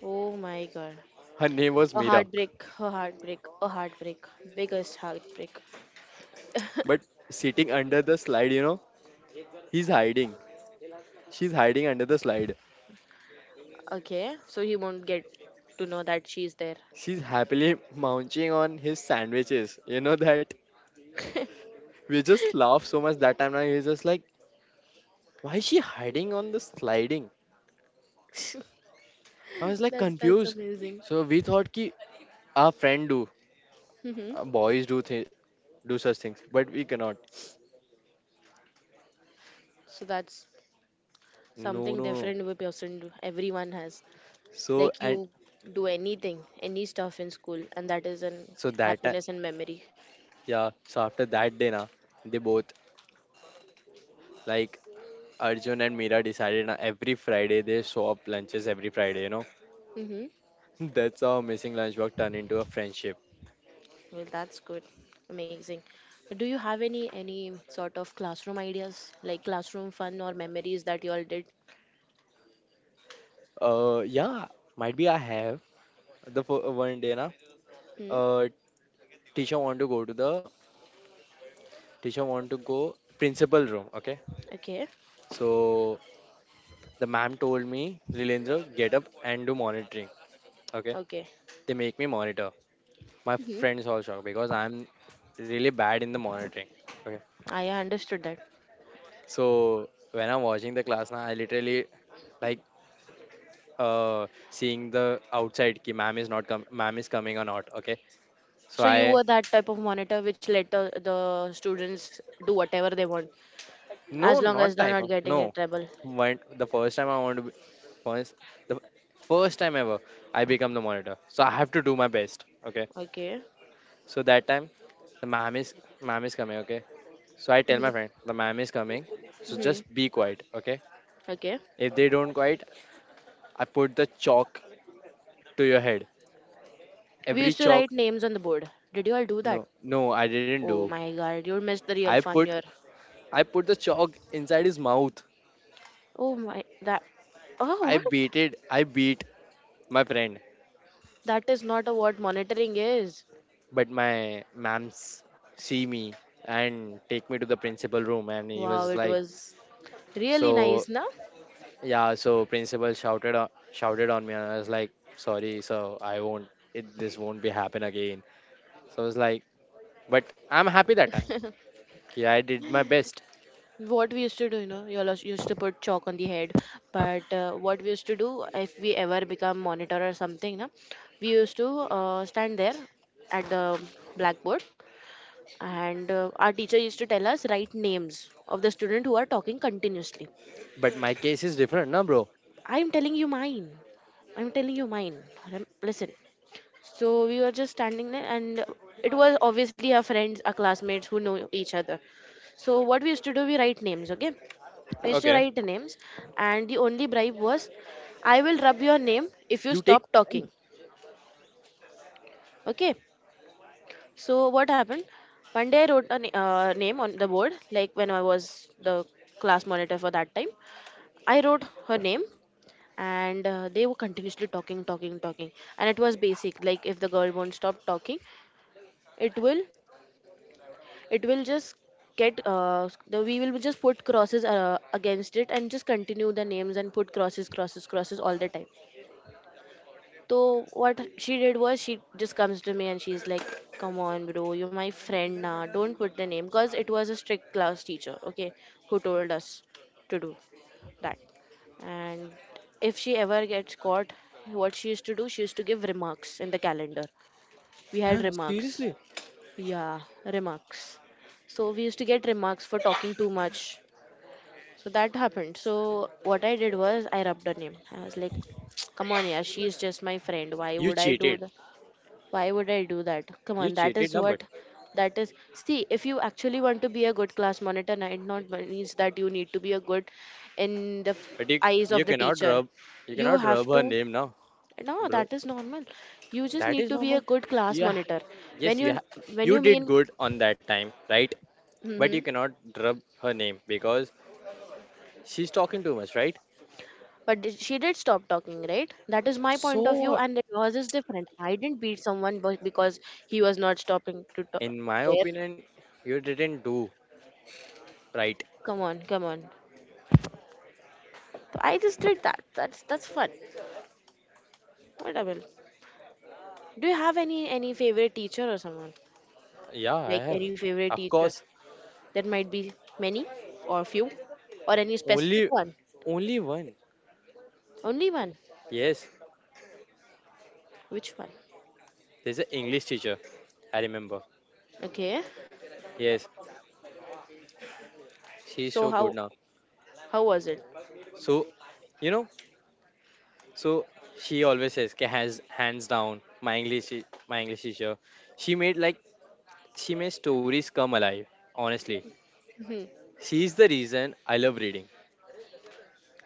Speaker 2: Oh my god.
Speaker 1: her name was
Speaker 2: A
Speaker 1: Mira.
Speaker 2: heartbreak, a heartbreak, a heartbreak, biggest heartbreak.
Speaker 1: But sitting under the slide, you know, he's hiding. She's hiding under the slide.
Speaker 2: Okay, so he won't get to know that she's there.
Speaker 1: She's happily munching on his sandwiches. You know that? We just laugh so much that time. Now he's just like, why is she hiding on the sliding? I was like
Speaker 2: That's
Speaker 1: confused.
Speaker 2: amazing.
Speaker 1: So we thought ki our friend do,
Speaker 2: Hmm.
Speaker 1: boys do do such things, but we cannot.
Speaker 2: So that's
Speaker 1: No, no,
Speaker 2: something
Speaker 1: no.
Speaker 2: different we person do. Everyone has
Speaker 1: So
Speaker 2: like
Speaker 1: and
Speaker 2: you do anything, any stuff in school, and that is an
Speaker 1: so that
Speaker 2: happiness and memory.
Speaker 1: Yeah, so after that day, na, they both, like Arjun and Mira decided na, every Friday they swap lunches every Friday, you know.
Speaker 2: Hmm.
Speaker 1: That's how missing lunch work turned into a friendship.
Speaker 2: Well, that's good, amazing. Do you have any sort of classroom ideas, like classroom fun or memories that you all did?
Speaker 1: Yeah, might be I have the one day, na,
Speaker 2: Hmm?
Speaker 1: uh, teacher want to go to the teacher want to go principal room, okay?
Speaker 2: Okay.
Speaker 1: So the ma'am told me, Lilendra, get up and do monitoring, okay?
Speaker 2: Okay.
Speaker 1: They make me monitor. My
Speaker 2: Hmm.
Speaker 1: friends all shocked because I'm really bad in the monitoring. Okay?
Speaker 2: I understood that.
Speaker 1: So when I'm watching the class now, I literally like seeing the outside ki ma'am is not com ma'am is coming or not. Okay. So
Speaker 2: So you
Speaker 1: I
Speaker 2: were that type of monitor which let the students do whatever they want
Speaker 1: no
Speaker 2: as long as
Speaker 1: not
Speaker 2: they're
Speaker 1: type
Speaker 2: not
Speaker 1: of
Speaker 2: getting in
Speaker 1: no.
Speaker 2: trouble.
Speaker 1: When the first time I want to be first the first time ever I become the monitor. So I have to do my best. Okay.
Speaker 2: Okay.
Speaker 1: So that time the ma'am is coming, okay. So I tell
Speaker 2: Hmm.
Speaker 1: my friend the ma'am is coming. So
Speaker 2: Hmm.
Speaker 1: just be quiet, okay?
Speaker 2: Okay.
Speaker 1: If they don't quiet, I put the chalk to your head.
Speaker 2: We
Speaker 1: Every
Speaker 2: used to write
Speaker 1: chalk
Speaker 2: names on the board. Did you all do that?
Speaker 1: no no I didn't
Speaker 2: Oh
Speaker 1: do
Speaker 2: my god, you missed the real
Speaker 1: I
Speaker 2: fun
Speaker 1: put
Speaker 2: here.
Speaker 1: I put the chalk inside his mouth.
Speaker 2: Oh my that. Oh what?
Speaker 1: I beat my friend.
Speaker 2: That is not a what monitoring is.
Speaker 1: But my mams see me and take me to the principal room and he
Speaker 2: Wow,
Speaker 1: was
Speaker 2: it
Speaker 1: like
Speaker 2: was really
Speaker 1: so
Speaker 2: nice, na?
Speaker 1: yeah so principal shouted shouted on me and I was like sorry so I won't it this won't be happen again. So I was like but I'm happy that time. Okay, I did my best.
Speaker 2: What we used to do, you know, you all used to put chalk on the head. But what we used to do, if we ever become monitor or something, no, we used to stand there at the blackboard, and our teacher used to tell us write names of the student who are talking continuously.
Speaker 1: But my case is different, na bro.
Speaker 2: I'm telling you mine. I'm telling you mine. Listen. So we were just standing there, and it was obviously our friends, our classmates who know each other. So what we used to do, we write names, okay? I used to
Speaker 1: Okay.
Speaker 2: write names, and the only bribe was I will rub your name if you
Speaker 1: You take
Speaker 2: stop
Speaker 1: bribe.
Speaker 2: talking. Okay, so what happened, one day I wrote a name on the board, like when I was the class monitor for that time, I wrote her name, and they were continuously talking talking, and it was basic like if the girl won't stop talking, it will, it will just get the we will just put crosses against it and just continue the names and put crosses, crosses, crosses all the time. So what she did was she just comes to me and she's like, "Come on, bro, you're my friend now. Don't put the name." Because it was a strict class teacher, okay, who told us to do that. And if she ever gets caught, what she used to do, she used to give remarks in the calendar. We
Speaker 1: Huh?
Speaker 2: had remarks.
Speaker 1: Seriously?
Speaker 2: Yeah, remarks. So we used to get remarks for talking too much. So that happened. So what I did was I rubbed her name. I was like, "Come on, yeah, she's just my friend. Why
Speaker 1: You
Speaker 2: would I do
Speaker 1: cheated.
Speaker 2: that?" Why would I do that? Come
Speaker 1: You
Speaker 2: on, that
Speaker 1: cheated,
Speaker 2: is
Speaker 1: na.
Speaker 2: what that is. See, if you actually want to be a good class monitor, na, it not means that you need to be a good in the
Speaker 1: But you,
Speaker 2: eyes
Speaker 1: you
Speaker 2: of the
Speaker 1: cannot
Speaker 2: teacher.
Speaker 1: rub you
Speaker 2: You
Speaker 1: cannot
Speaker 2: have
Speaker 1: rub
Speaker 2: to.
Speaker 1: her name now,
Speaker 2: No,
Speaker 1: bro.
Speaker 2: that is normal. You just
Speaker 1: That
Speaker 2: need
Speaker 1: is
Speaker 2: to be a
Speaker 1: normal.
Speaker 2: good class
Speaker 1: Yeah,
Speaker 2: monitor.
Speaker 1: yes,
Speaker 2: When you when
Speaker 1: you
Speaker 2: you
Speaker 1: did
Speaker 2: mean,
Speaker 1: good on that time, right? But you
Speaker 2: hmm,
Speaker 1: cannot rub her name because she's talking too much, right?
Speaker 2: but she did stop talking, right? That is my point of view,
Speaker 1: So,
Speaker 2: and yours is different. I didn't beat someone because he was not stopping to talk.
Speaker 1: in my
Speaker 2: There,
Speaker 1: opinion, you didn't do right.
Speaker 2: come on, come on. So, I just did that. That's fun. Portable. Do you have any favorite teacher or someone?
Speaker 1: Yeah, I
Speaker 2: Like
Speaker 1: have.
Speaker 2: any favorite
Speaker 1: Of
Speaker 2: teacher?
Speaker 1: course,
Speaker 2: That might be many or few or any specific
Speaker 1: only
Speaker 2: one.
Speaker 1: only one.
Speaker 2: Only one.
Speaker 1: Yes,
Speaker 2: Which one?
Speaker 1: there's an English teacher. I remember.
Speaker 2: Okay.
Speaker 1: Yes, she's
Speaker 2: So
Speaker 1: so good
Speaker 2: how
Speaker 1: now.
Speaker 2: how was it?
Speaker 1: So, you know, so she always says, "Ki has hands down my my English teacher. She made like she made stories come alive. Honestly,
Speaker 2: Hmm.
Speaker 1: she is the reason I love reading.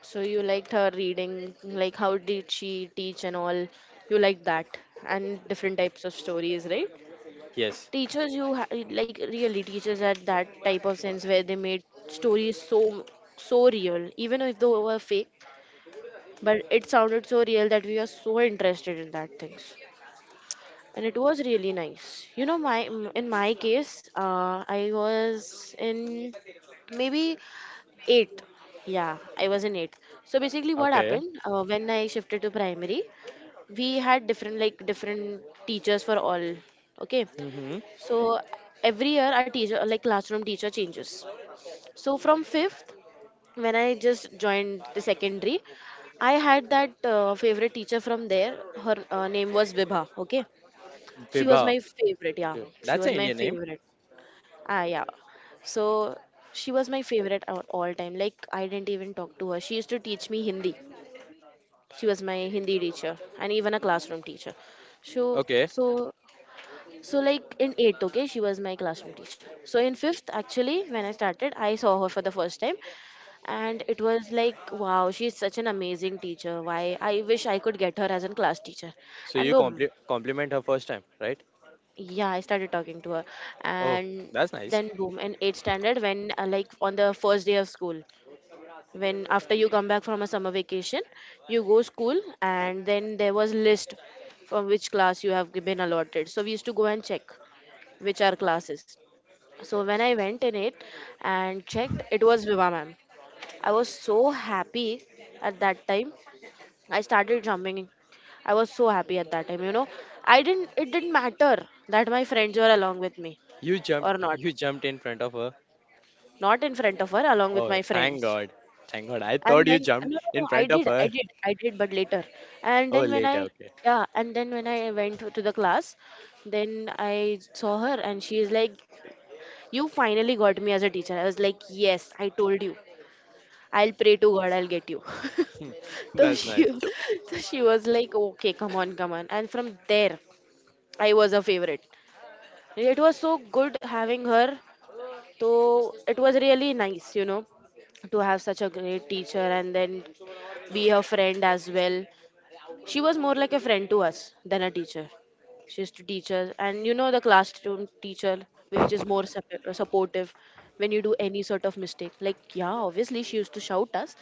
Speaker 2: So you liked her reading, like how did she teach and all? You liked that and different types of stories, right?
Speaker 1: Yes.
Speaker 2: Teachers, you like really teachers had that type of sense where they made stories so real, even if they were fake but it sounded so real that we were so interested in that things, and it was really nice, you know, in my case I was in maybe 8, yeah I was in 8. So basically what
Speaker 1: Okay.
Speaker 2: happened, when I shifted to primary, we had different like different teachers for all, okay,
Speaker 1: Mm-hmm.
Speaker 2: so every year our teacher like classroom teacher changes. So from 5th, when I just joined the secondary, I had that favorite teacher from there. Her name was Vibha. Okay, she was
Speaker 1: Vibha.
Speaker 2: my favorite. Yeah,
Speaker 1: Okay.
Speaker 2: she
Speaker 1: That's
Speaker 2: was
Speaker 1: an
Speaker 2: my
Speaker 1: Indian name.
Speaker 2: favorite. Ah, yeah. So she was my favorite at all time. Like I didn't even talk to her. She used to teach me Hindi. She was my Hindi teacher and even a classroom teacher. So
Speaker 1: Okay.
Speaker 2: so so like in eighth, okay, she was my classroom teacher. So in fifth, actually, when I started, I saw her for the first time, and it was like, wow, she's such an amazing teacher, why, I wish I could get her as a class teacher,
Speaker 1: So
Speaker 2: and
Speaker 1: you
Speaker 2: boom,
Speaker 1: compliment her first time, right?
Speaker 2: yeah I started talking to her,
Speaker 1: Oh,
Speaker 2: and
Speaker 1: that's nice.
Speaker 2: then boom in 8th standard when like on the first day of school, when after you come back from a summer vacation, you go school and then there was list from which class you have been allotted, so we used to go and check which are classes. So when I went in it and checked, it was Viva ma'am. I was so happy at that time. I started jumping. I was so happy at that time, you know. I didn't It didn't matter that my friends were along with me
Speaker 1: You
Speaker 2: or
Speaker 1: jumped.
Speaker 2: not.
Speaker 1: You jumped in front of her.
Speaker 2: Not in front of her, along with
Speaker 1: Oh,
Speaker 2: my
Speaker 1: thank
Speaker 2: friends.
Speaker 1: God. Thank God. I
Speaker 2: And
Speaker 1: thought you
Speaker 2: then,
Speaker 1: jumped
Speaker 2: no no
Speaker 1: in
Speaker 2: no, I
Speaker 1: front of
Speaker 2: did, I
Speaker 1: her.
Speaker 2: did, I did, but later. And
Speaker 1: Oh,
Speaker 2: then when
Speaker 1: later.
Speaker 2: I
Speaker 1: Okay.
Speaker 2: yeah, and then when I went to the class, then I saw her and she is like, "You finally got me as a teacher." I was like, "Yes, I told you. I'll pray to God I'll get you." So
Speaker 1: that's
Speaker 2: she,
Speaker 1: nice.
Speaker 2: so she was like, "Okay, come on, come on." And from there I was a favorite. It was so good having her. So it was really nice, you know, to have such a great teacher and then be her friend as well. She was more like a friend to us than a teacher. She used to teach us, and you know, the classroom teacher, which is more supportive when you do any sort of mistake. Like, yeah, obviously, she used to shout us,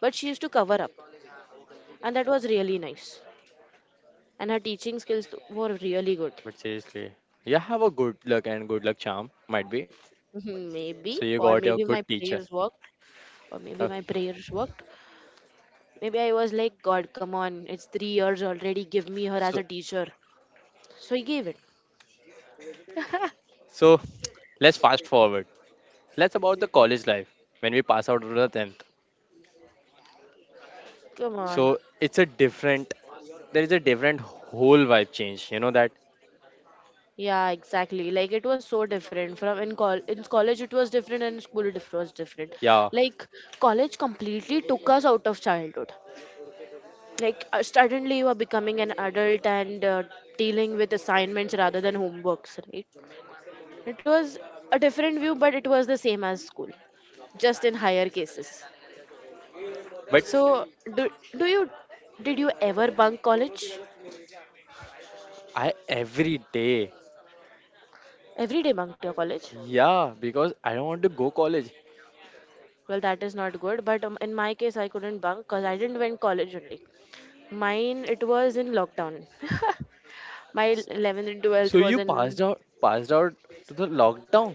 Speaker 2: but she used to cover up, and that was really nice. And her teaching skills were really good.
Speaker 1: But seriously, you have a good luck and good luck charm, might be.
Speaker 2: Maybe,
Speaker 1: So you got your good teacher.
Speaker 2: Or maybe
Speaker 1: Uh,
Speaker 2: my prayers worked. Maybe I was like, "God, come on, it's 3 years already, give me her as a
Speaker 1: so
Speaker 2: teacher." So he gave it.
Speaker 1: so let's fast forward. Let's about the college life when we pass out of the tenth.
Speaker 2: Come on.
Speaker 1: So it's a different. There is a different whole vibe change. You know that?
Speaker 2: Yeah, exactly. Like it was so different. From in col In college it was different and school it was different.
Speaker 1: Yeah.
Speaker 2: Like college completely took us out of childhood. Like suddenly you are becoming an adult and dealing with assignments rather than homeworks, right? It was a different view, but it was the same as school, just in higher cases.
Speaker 1: But
Speaker 2: So, do, do you did you ever bunk college?
Speaker 1: I every day.
Speaker 2: Every day bunked your college?
Speaker 1: Yeah, because I don't want to go college.
Speaker 2: Well, that is not good. But in my case, I couldn't bunk because I didn't went college only. Mine it was in lockdown. My
Speaker 1: S-
Speaker 2: 11th and 12th
Speaker 1: So
Speaker 2: was
Speaker 1: you
Speaker 2: in.
Speaker 1: passed out. Passed out to the lockdown.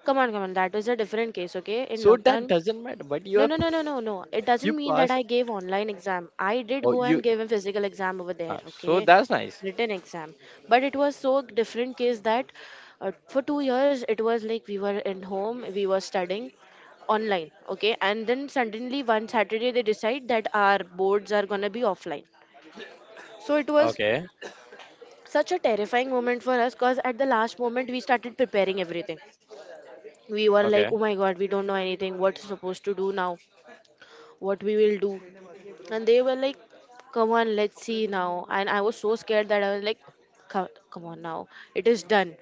Speaker 2: Come on, come on. That was a different case, okay? In
Speaker 1: So that
Speaker 2: lockdown,
Speaker 1: doesn't matter. But you
Speaker 2: no,
Speaker 1: are
Speaker 2: no, no, no, no, no. It
Speaker 1: you
Speaker 2: doesn't mean that
Speaker 1: pass.
Speaker 2: I gave online exam. I did
Speaker 1: Or
Speaker 2: go
Speaker 1: you.
Speaker 2: and give a physical exam over there,
Speaker 1: So
Speaker 2: okay?
Speaker 1: that's nice.
Speaker 2: Written exam. But it was so different case that for 2 years it was like we were in home, we were studying online, okay? And then suddenly one Saturday they decide that our boards are gonna be offline. So it was
Speaker 1: Okay.
Speaker 2: such a terrifying moment for us because at the last moment we started preparing everything. We were like,
Speaker 1: Okay.
Speaker 2: "Oh my god, we don't know anything. What's supposed to do now? What we will do?" And they were like, "Come on, let's see now." And I was so scared that I was like, "Come, come on now, it is done.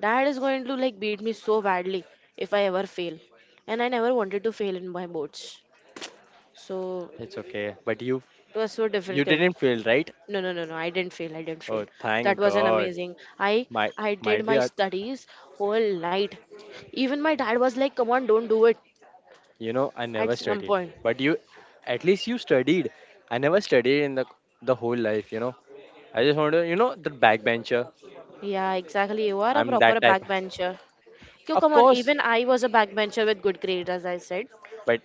Speaker 2: Dad is going to like beat me so badly if I ever fail." And I never wanted to fail in my boards, so
Speaker 1: It's okay. But you
Speaker 2: it was so
Speaker 1: you
Speaker 2: difficult.
Speaker 1: didn't fail, right?
Speaker 2: No no no no, I didn't fail, I didn't fail.
Speaker 1: Oh, thank
Speaker 2: That was an
Speaker 1: God.
Speaker 2: amazing.
Speaker 1: Might
Speaker 2: I did
Speaker 1: might be
Speaker 2: my
Speaker 1: a,
Speaker 2: studies whole night. Even my dad was like, "Come on, don't do it
Speaker 1: you know, I
Speaker 2: at
Speaker 1: never
Speaker 2: some
Speaker 1: studied.
Speaker 2: point."
Speaker 1: But you at least you studied. I never studied in the whole life, you know. I just want to, you know, the backbencher.
Speaker 2: Yeah, exactly. You are a
Speaker 1: I'm
Speaker 2: proper
Speaker 1: that type.
Speaker 2: backbencher. Yo,
Speaker 1: Of
Speaker 2: come on.
Speaker 1: course.
Speaker 2: Even I was a backbencher with good grades, as I said.
Speaker 1: But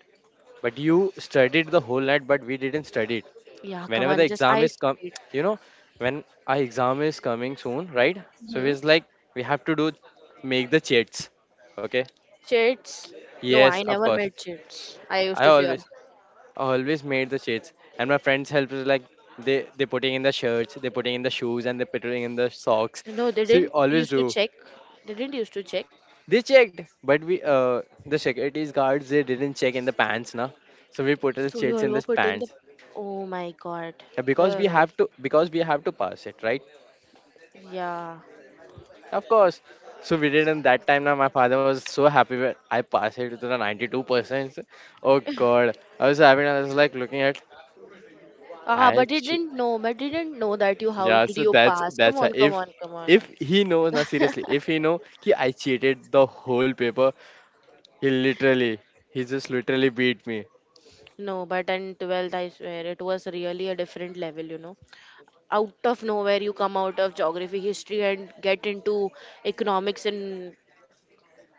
Speaker 1: but you studied the whole night, but we didn't study it.
Speaker 2: Yeah, come
Speaker 1: Whenever the
Speaker 2: on. Just
Speaker 1: exam
Speaker 2: I.
Speaker 1: is come, you know, when our exam is coming soon, right? So
Speaker 2: Hmm?
Speaker 1: it's like we have to do make the chats. Okay.
Speaker 2: Chits? No,
Speaker 1: Yes,
Speaker 2: I
Speaker 1: of
Speaker 2: never
Speaker 1: course.
Speaker 2: met chits. I used
Speaker 1: I
Speaker 2: to fear.
Speaker 1: always always made the shirts and my friends helped us like they putting in the shirts they putting in the shoes and they putting in the socks
Speaker 2: No, they
Speaker 1: so we
Speaker 2: didn't
Speaker 1: always
Speaker 2: used to
Speaker 1: do
Speaker 2: check. They didn't used to check.
Speaker 1: they checked but we the security guards they didn't check in the pants na so we put the
Speaker 2: So you
Speaker 1: shirts
Speaker 2: all
Speaker 1: in
Speaker 2: were
Speaker 1: the
Speaker 2: putting the.
Speaker 1: pants.
Speaker 2: Oh my God.
Speaker 1: Because we
Speaker 2: Uh,
Speaker 1: have to because we have to pass it right
Speaker 2: yeah.
Speaker 1: of course so we did and that time now my father was so happy when I passed it to the 92% oh god I was like looking at
Speaker 2: Ah,
Speaker 1: i.
Speaker 2: but they didn't know. But they didn't know that you. How
Speaker 1: Yeah,
Speaker 2: did
Speaker 1: so
Speaker 2: you pass? Come
Speaker 1: that's why
Speaker 2: on, come on, come on.
Speaker 1: if he knows now seriously, if he know ki I cheated the whole paper, he literally he just literally beat me.
Speaker 2: No, but in 12th, I swear, it was really a different level, you know. Out of nowhere you come out of geography history and get into economics and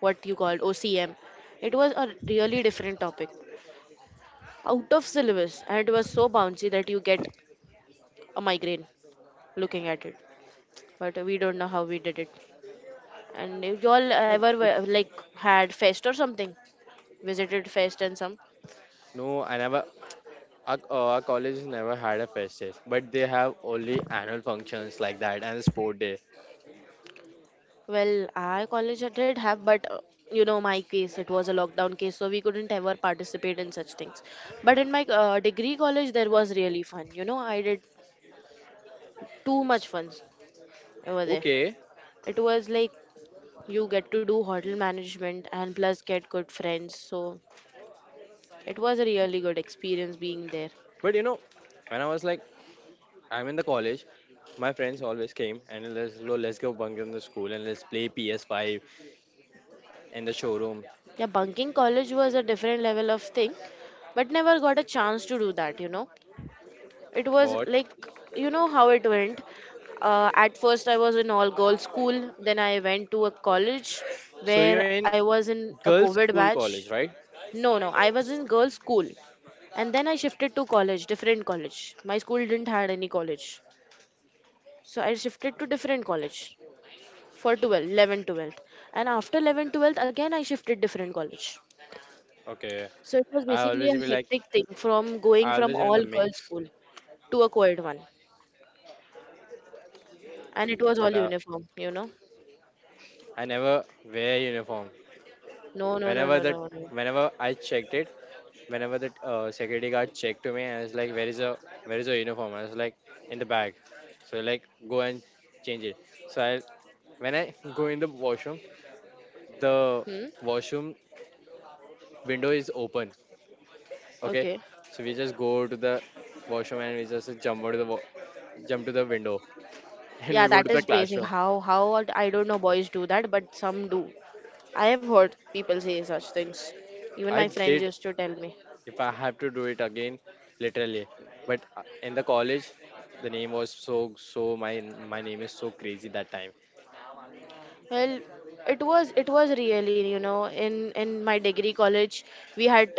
Speaker 2: what you called OCM. It was a really different topic out of syllabus, and it was so bouncy that you get a migraine looking at it, but we don't know how we did it. And if y'all ever were, like, had fest or something, visited fest and some.
Speaker 1: No, I never our, our college never had a fest days, but they have only annual functions like that and sport day.
Speaker 2: Well, our college did have, but my case, it was a lockdown case, so we couldn't ever participate in such things. But in my degree college, there was really fun. You know, I did too much fun over there.
Speaker 1: Okay,
Speaker 2: It was like you get to do hotel management and plus get good friends. So it was a really good experience being there.
Speaker 1: but you know when I was like I'm in the college, my friends always came and let's go bunk in the school and let's play PS5 in the showroom.
Speaker 2: Yeah, bunking college was a different level of thing, but never got a chance to do that. It was
Speaker 1: What?
Speaker 2: like, you know how it went. At first, I was in all girls school. Then I went to a college
Speaker 1: So
Speaker 2: where
Speaker 1: you're in
Speaker 2: I was in a
Speaker 1: girls'
Speaker 2: COVID
Speaker 1: school
Speaker 2: batch.
Speaker 1: college, right?
Speaker 2: No, no, I was in girls school. And then I shifted to college, different college. My school didn't had any college. So I shifted to different college for 12, 11, 12th, and after 11 12th, again I shifted different college.
Speaker 1: Okay.
Speaker 2: So it was
Speaker 1: I
Speaker 2: basically
Speaker 1: always
Speaker 2: a
Speaker 1: be like
Speaker 2: hectic thing from going
Speaker 1: I
Speaker 2: from
Speaker 1: always am in the
Speaker 2: all girls
Speaker 1: mix,
Speaker 2: school to a co-ed one. And it was all
Speaker 1: but
Speaker 2: uniform.
Speaker 1: I never wear uniform.
Speaker 2: No, no, no, no,
Speaker 1: Whenever that,
Speaker 2: no, no.
Speaker 1: whenever I checked it, whenever that security guard checked to me, and was like, where is a uniform?" I was like, "In the bag." So like, go and change it. So I, when I go in the
Speaker 2: Hmm.
Speaker 1: washroom window is open. Okay,
Speaker 2: Okay.
Speaker 1: so we just go to the washroom and we just jump out of the jump to the window and
Speaker 2: Yeah,
Speaker 1: we go to
Speaker 2: that
Speaker 1: the
Speaker 2: is basic.
Speaker 1: classroom.
Speaker 2: How I don't know boys do that, but some do. I have heard people say such things. Even
Speaker 1: I
Speaker 2: my friends
Speaker 1: did
Speaker 2: used to tell me.
Speaker 1: if I have to do it again, literally. But in the college, the name was so my name is so crazy that time.
Speaker 2: Well, it was really, in my degree college, we had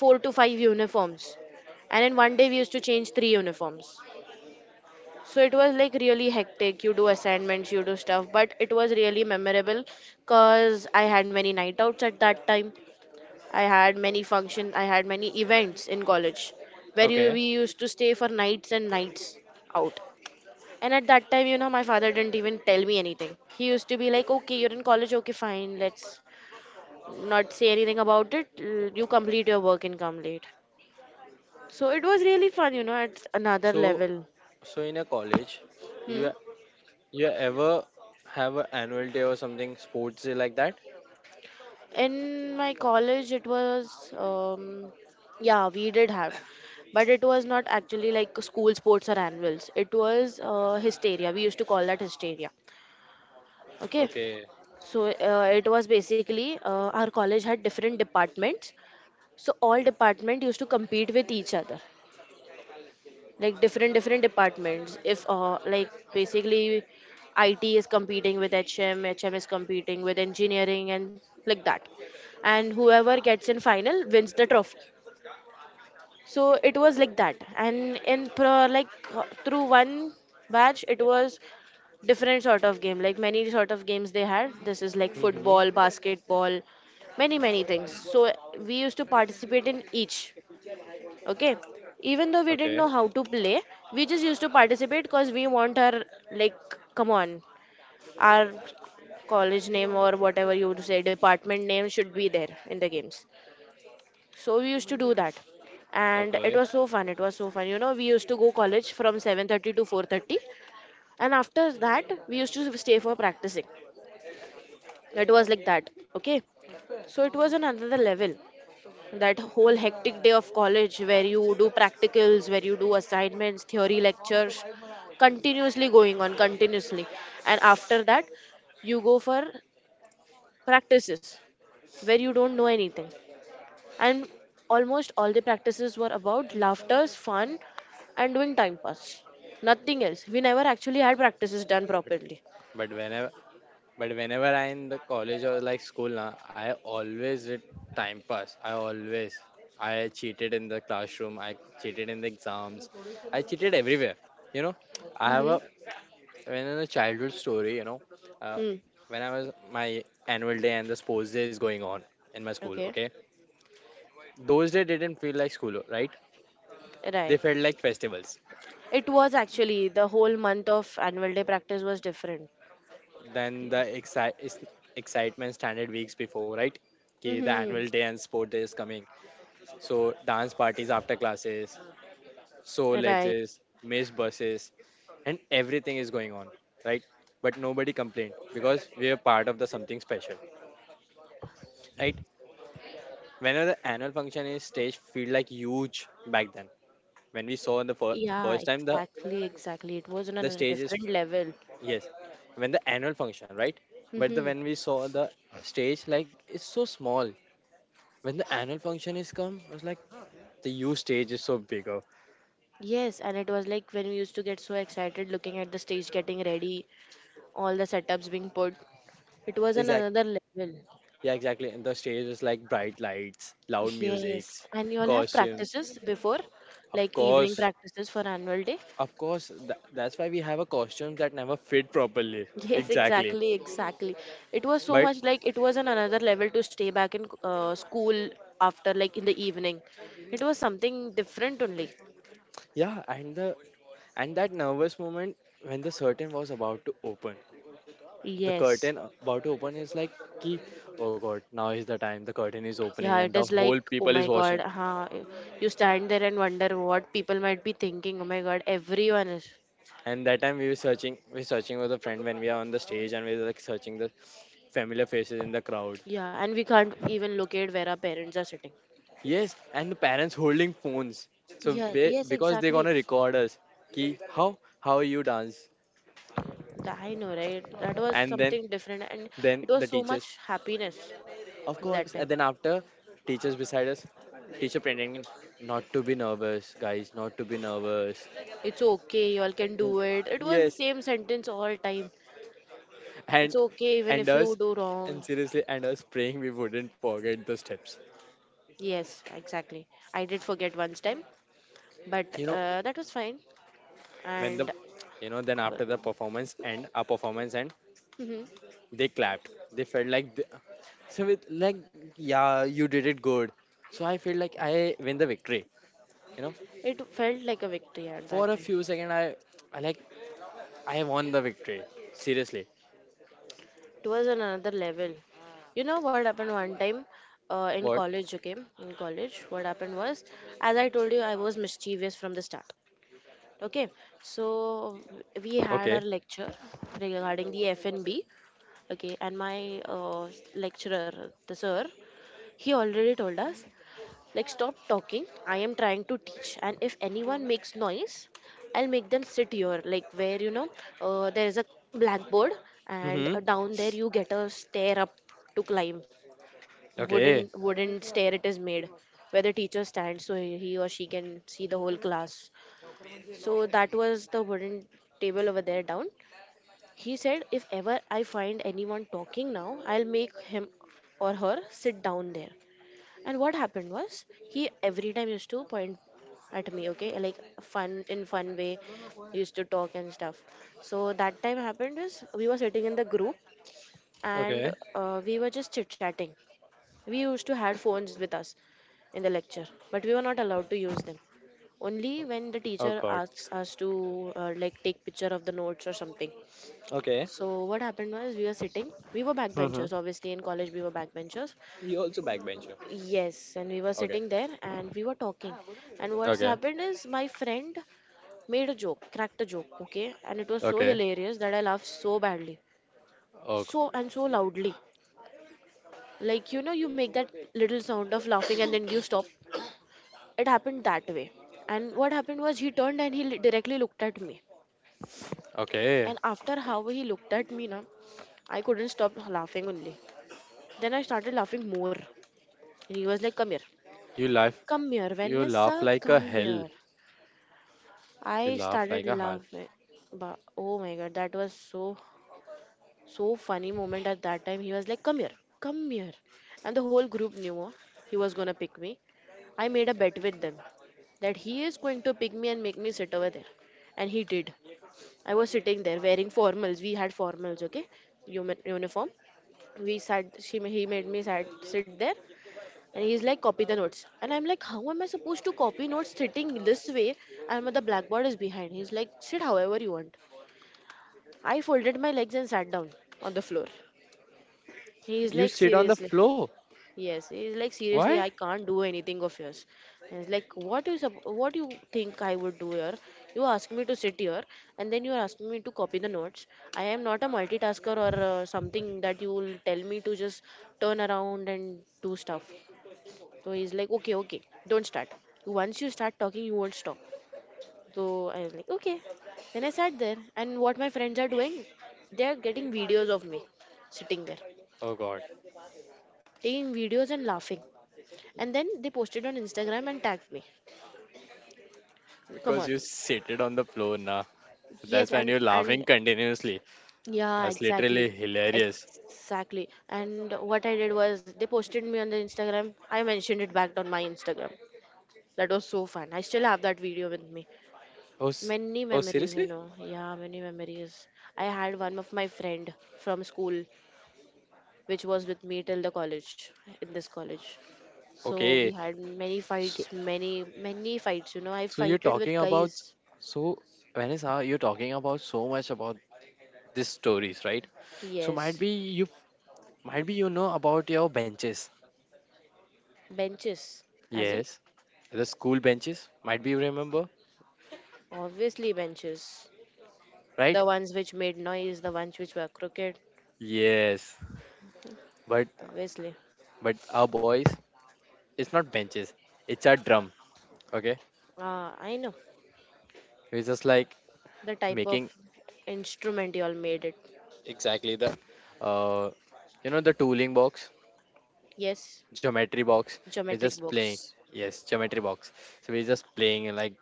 Speaker 2: four to five uniforms. And in one day we used to change three uniforms. So it was like really hectic. You do assignments, you do stuff, but it was really memorable because I had many night outs at that time. I had many functions, I had many events in college where you,
Speaker 1: Okay.
Speaker 2: we used to stay for nights and nights out. And at that time, my father didn't even tell me anything. He used to be like, okay, you're in college, okay, fine, let's not say anything about it. You complete your work and come late. So it was really fun, at another
Speaker 1: So
Speaker 2: level.
Speaker 1: so in a college,
Speaker 2: Hmm?
Speaker 1: you you ever have an annual day or something sports day like that?
Speaker 2: In my college it was, yeah, we did have, but it was not actually like school sports or annuals. It was hysteria. We used to call that hysteria. Okay,
Speaker 1: Okay.
Speaker 2: so it was basically, our college had different departments. So all department used to compete with each other, like different different departments, if, like basically, it is competing with, hm, hm, is competing with engineering and like that. And whoever gets in final wins the trophy. So it was like that. And like, through one batch, it was different sort of game, like many sort of games they had. This is like
Speaker 1: Mm-hmm.
Speaker 2: football, basketball, many many things. So we used to participate in each. Okay, even though we didn't
Speaker 1: Okay.
Speaker 2: know how to play, we just used to participate because we want our, like, come on, our college name or whatever you would say, department name should be there in the games. So we used to do that. And it
Speaker 1: Okay.
Speaker 2: was so fun, it was so fun, we used to go college from 7:30 to 4:30. And after that we used to stay for practicing. It was like that. Okay, so it was on another level, that whole hectic day of college where you do practicals, where you do assignments, theory lectures continuously going on continuously. And after that you go for practices where you don't know anything. And almost all the practices were about laughters, fun, and doing time pass. Nothing else. We never actually had practices done properly.
Speaker 1: But when I. But whenever I in the college or like school na, I always did time pass. I always I cheated in the classroom. I cheated in the exams. I cheated everywhere. You know, I have
Speaker 2: Mm-hmm.
Speaker 1: a when in a childhood story. You know, uh,
Speaker 2: Hmm.
Speaker 1: when I was my annual day and the sports day is going on in my school.
Speaker 2: Okay.
Speaker 1: Okay, those day didn't feel like school, right?
Speaker 2: Right.
Speaker 1: They felt like festivals.
Speaker 2: It was actually the whole month of annual day practice was different.
Speaker 1: Then the excitement started weeks before, right? Okay, the
Speaker 2: Hmm.
Speaker 1: annual day and sport day is coming. So dance parties after classes, soul
Speaker 2: Right.
Speaker 1: exes, missed buses, and everything is going on, right? But nobody complained because we are part of the something special, right? Whenever the annual function is stage, feel like huge back then. When we saw in the
Speaker 2: Yeah,
Speaker 1: first time
Speaker 2: exactly, exactly. It was on
Speaker 1: the
Speaker 2: another
Speaker 1: stage is
Speaker 2: different level.
Speaker 1: yes, when the annual function, right? But the
Speaker 2: Mm-hmm.
Speaker 1: when we saw the stage, like it's so small. When the annual function is come, I was like the huge stage is so bigger.
Speaker 2: Yes, and it was like when we used to get so excited looking at the stage getting ready, all the setups being put. It was on another level.
Speaker 1: Yeah, exactly. And the stage is like bright lights, loud
Speaker 2: Yes,
Speaker 1: musics,
Speaker 2: and you all have
Speaker 1: costumes.
Speaker 2: practices before,
Speaker 1: Of
Speaker 2: like evening
Speaker 1: course,
Speaker 2: practices for annual day.
Speaker 1: of course. That's why we have a costume that never fit properly.
Speaker 2: Yes,
Speaker 1: Exactly.
Speaker 2: exactly, exactly. It was so
Speaker 1: But
Speaker 2: much like it was on another level to stay back in school after, like in the evening. It was something different only.
Speaker 1: yeah, and the and that nervous moment when the curtain was about to open, the
Speaker 2: Yes.
Speaker 1: curtain about to open is like, ki, oh God, now is the time. The curtain is opening,
Speaker 2: Yeah,
Speaker 1: and
Speaker 2: it
Speaker 1: the
Speaker 2: is
Speaker 1: whole
Speaker 2: like, oh
Speaker 1: people is
Speaker 2: my God,
Speaker 1: watching.
Speaker 2: huh? You stand there and wonder what people might be thinking. Oh my God, everyone is.
Speaker 1: And that time we were searching with a friend when we are on the stage, and we were like searching the familiar faces in the crowd.
Speaker 2: Yeah, and we can't even locate where our parents are sitting.
Speaker 1: Yes, and the parents holding phones. So
Speaker 2: Yeah,
Speaker 1: be,
Speaker 2: yes,
Speaker 1: because they're
Speaker 2: exactly.
Speaker 1: gonna record us. Ki how you dance,
Speaker 2: I know, right? That was
Speaker 1: and
Speaker 2: something different, and
Speaker 1: then
Speaker 2: it was
Speaker 1: the
Speaker 2: so
Speaker 1: teachers,
Speaker 2: much happiness
Speaker 1: of course,
Speaker 2: that
Speaker 1: and
Speaker 2: time.
Speaker 1: then after teachers beside us, teacher pretending not to be nervous, guys, not to be nervous.
Speaker 2: It's okay, you all can
Speaker 1: Y-
Speaker 2: do it. It was the
Speaker 1: yes,
Speaker 2: same sentence all time.
Speaker 1: and
Speaker 2: It's okay, even
Speaker 1: and
Speaker 2: if you
Speaker 1: us,
Speaker 2: do
Speaker 1: and
Speaker 2: wrong.
Speaker 1: seriously, and us praying we wouldn't forget the steps.
Speaker 2: Yes, exactly. I did forget once time, but
Speaker 1: You know
Speaker 2: that was fine.
Speaker 1: when the
Speaker 2: And
Speaker 1: you know, then after the performance and our performance and
Speaker 2: Mhm.
Speaker 1: they clapped. They felt like so with like, yeah, you did it good. So I feel like I win the victory. You know,
Speaker 2: It felt like a victory at
Speaker 1: for
Speaker 2: that
Speaker 1: a
Speaker 2: time.
Speaker 1: few seconds I, I won the victory. Seriously.
Speaker 2: It was on another level. You know what happened one time, in
Speaker 1: What?
Speaker 2: college, okay? In college, what happened was, as I told you, I was mischievous from the start. Okay, so we had our
Speaker 1: Okay.
Speaker 2: lecture regarding the FNB. Okay, and my lecturer, the sir, he already told us, like, stop talking. I am trying to teach. And if anyone makes noise, I'll make them sit here, like where, there is a blackboard, and
Speaker 1: Mm-hmm.
Speaker 2: down there you get a stair up to climb.
Speaker 1: Okay.
Speaker 2: Wooden, wooden stair it is made, where the teacher stands so he or she can see the whole class. So that was the wooden table over there down. He said, if ever I find anyone talking now, I'll make him or her sit down there. And what happened was he every time used to point at me, okay, like fun in fun way, used to talk and stuff. So that time happened is we were sitting in the group, and
Speaker 1: Okay.
Speaker 2: we were just chit chatting. We used to had phones with us in the lecture, but we were not allowed to use them. Only when the
Speaker 1: Oh
Speaker 2: teacher
Speaker 1: God.
Speaker 2: asks us to, like take picture of the notes or something.
Speaker 1: Okay.
Speaker 2: So what happened was we were sitting. We were
Speaker 1: Mm-hmm.
Speaker 2: backbenchers, obviously in college we were backbenchers.
Speaker 1: You also backbencher.
Speaker 2: Yes, and we were
Speaker 1: Okay.
Speaker 2: sitting there and we were talking. And what's
Speaker 1: Okay.
Speaker 2: happened is my friend made a joke, cracked a joke, okay? And it was so
Speaker 1: Okay.
Speaker 2: hilarious that I laughed so badly.
Speaker 1: Oh God.
Speaker 2: So and so loudly. Like, you make that little sound of laughing and then you stop. It happened that way. And what happened was he turned and he directly looked at me.
Speaker 1: Okay.
Speaker 2: And after how he looked at me, na, I couldn't stop laughing only. Then I started laughing more. And he was like, come here.
Speaker 1: You laugh.
Speaker 2: Come here,
Speaker 1: You laugh
Speaker 2: Vanessa,
Speaker 1: like a
Speaker 2: come
Speaker 1: hell.
Speaker 2: here.
Speaker 1: You
Speaker 2: I
Speaker 1: laugh
Speaker 2: started
Speaker 1: like a hell.
Speaker 2: laughing. But oh my God, that was so so funny moment at that time. He was like, come here," and the whole group knew, he was gonna pick me. I made a bet with them that he is going to pick me and make me sit over there, and he did. I was sitting there wearing formals. We had formals, okay, uniform. We sat. He made me sat sit there, and he's like, copy the notes. And I'm like, how am I supposed to copy notes sitting this way? And the blackboard is behind. He's like, sit however you want. I folded my legs and sat down on the floor. He's
Speaker 1: You
Speaker 2: like,
Speaker 1: sit on the
Speaker 2: seriously.
Speaker 1: floor.
Speaker 2: Yes, he's like, seriously,
Speaker 1: Why?
Speaker 2: I can't do anything of yours. He's like, what you think I would do here? You ask me to sit here, and then you are asking me to copy the notes. I am not a multitasker or something that you will tell me to just turn around and do stuff. So he's like, okay, okay, don't start. Once you start talking, you won't stop. So I was like, okay. Then I sat there, and what my friends are doing, they are getting videos of me sitting there,
Speaker 1: Oh God.
Speaker 2: taking videos and laughing. And then they posted on Instagram and tagged me. Come
Speaker 1: Because
Speaker 2: on.
Speaker 1: you sit it on the floor now. So that's
Speaker 2: Yes,
Speaker 1: when
Speaker 2: and
Speaker 1: you're laughing
Speaker 2: and
Speaker 1: continuously.
Speaker 2: yeah,
Speaker 1: That's
Speaker 2: exactly.
Speaker 1: literally hilarious.
Speaker 2: Exactly. And what I did was they posted me on the Instagram. I mentioned it back on my Instagram. That was so fun. I still have that video with me.
Speaker 1: Oh, s-
Speaker 2: Many
Speaker 1: oh,
Speaker 2: memories, you
Speaker 1: seriously?
Speaker 2: know. Yeah, many memories. I had one of my friend from school, which was with me till the college, in this college. So we
Speaker 1: Okay.
Speaker 2: had many
Speaker 1: So,
Speaker 2: fights, many fights. I
Speaker 1: so, you're
Speaker 2: fighted with
Speaker 1: talking about,
Speaker 2: guys.
Speaker 1: so Vanessa, you're talking about so much about these stories, right? So might
Speaker 2: Yes.
Speaker 1: be you, might be you know about your benches.
Speaker 2: Benches, as in?
Speaker 1: Yes, the school benches. Might be you remember,
Speaker 2: Obviously benches.
Speaker 1: right?
Speaker 2: The ones which made noise, the ones which were crooked,
Speaker 1: Yes, but
Speaker 2: obviously.
Speaker 1: but our boys, it's not benches. It's a drum. Okay,
Speaker 2: Ah, I know.
Speaker 1: it's just like
Speaker 2: The type of
Speaker 1: making
Speaker 2: instrument you all made it.
Speaker 1: exactly the, uh, you know, the tooling box,
Speaker 2: Yes.
Speaker 1: geometry box, we're
Speaker 2: Geometric
Speaker 1: just playing,
Speaker 2: box.
Speaker 1: yes, geometry box. So we're just playing and like,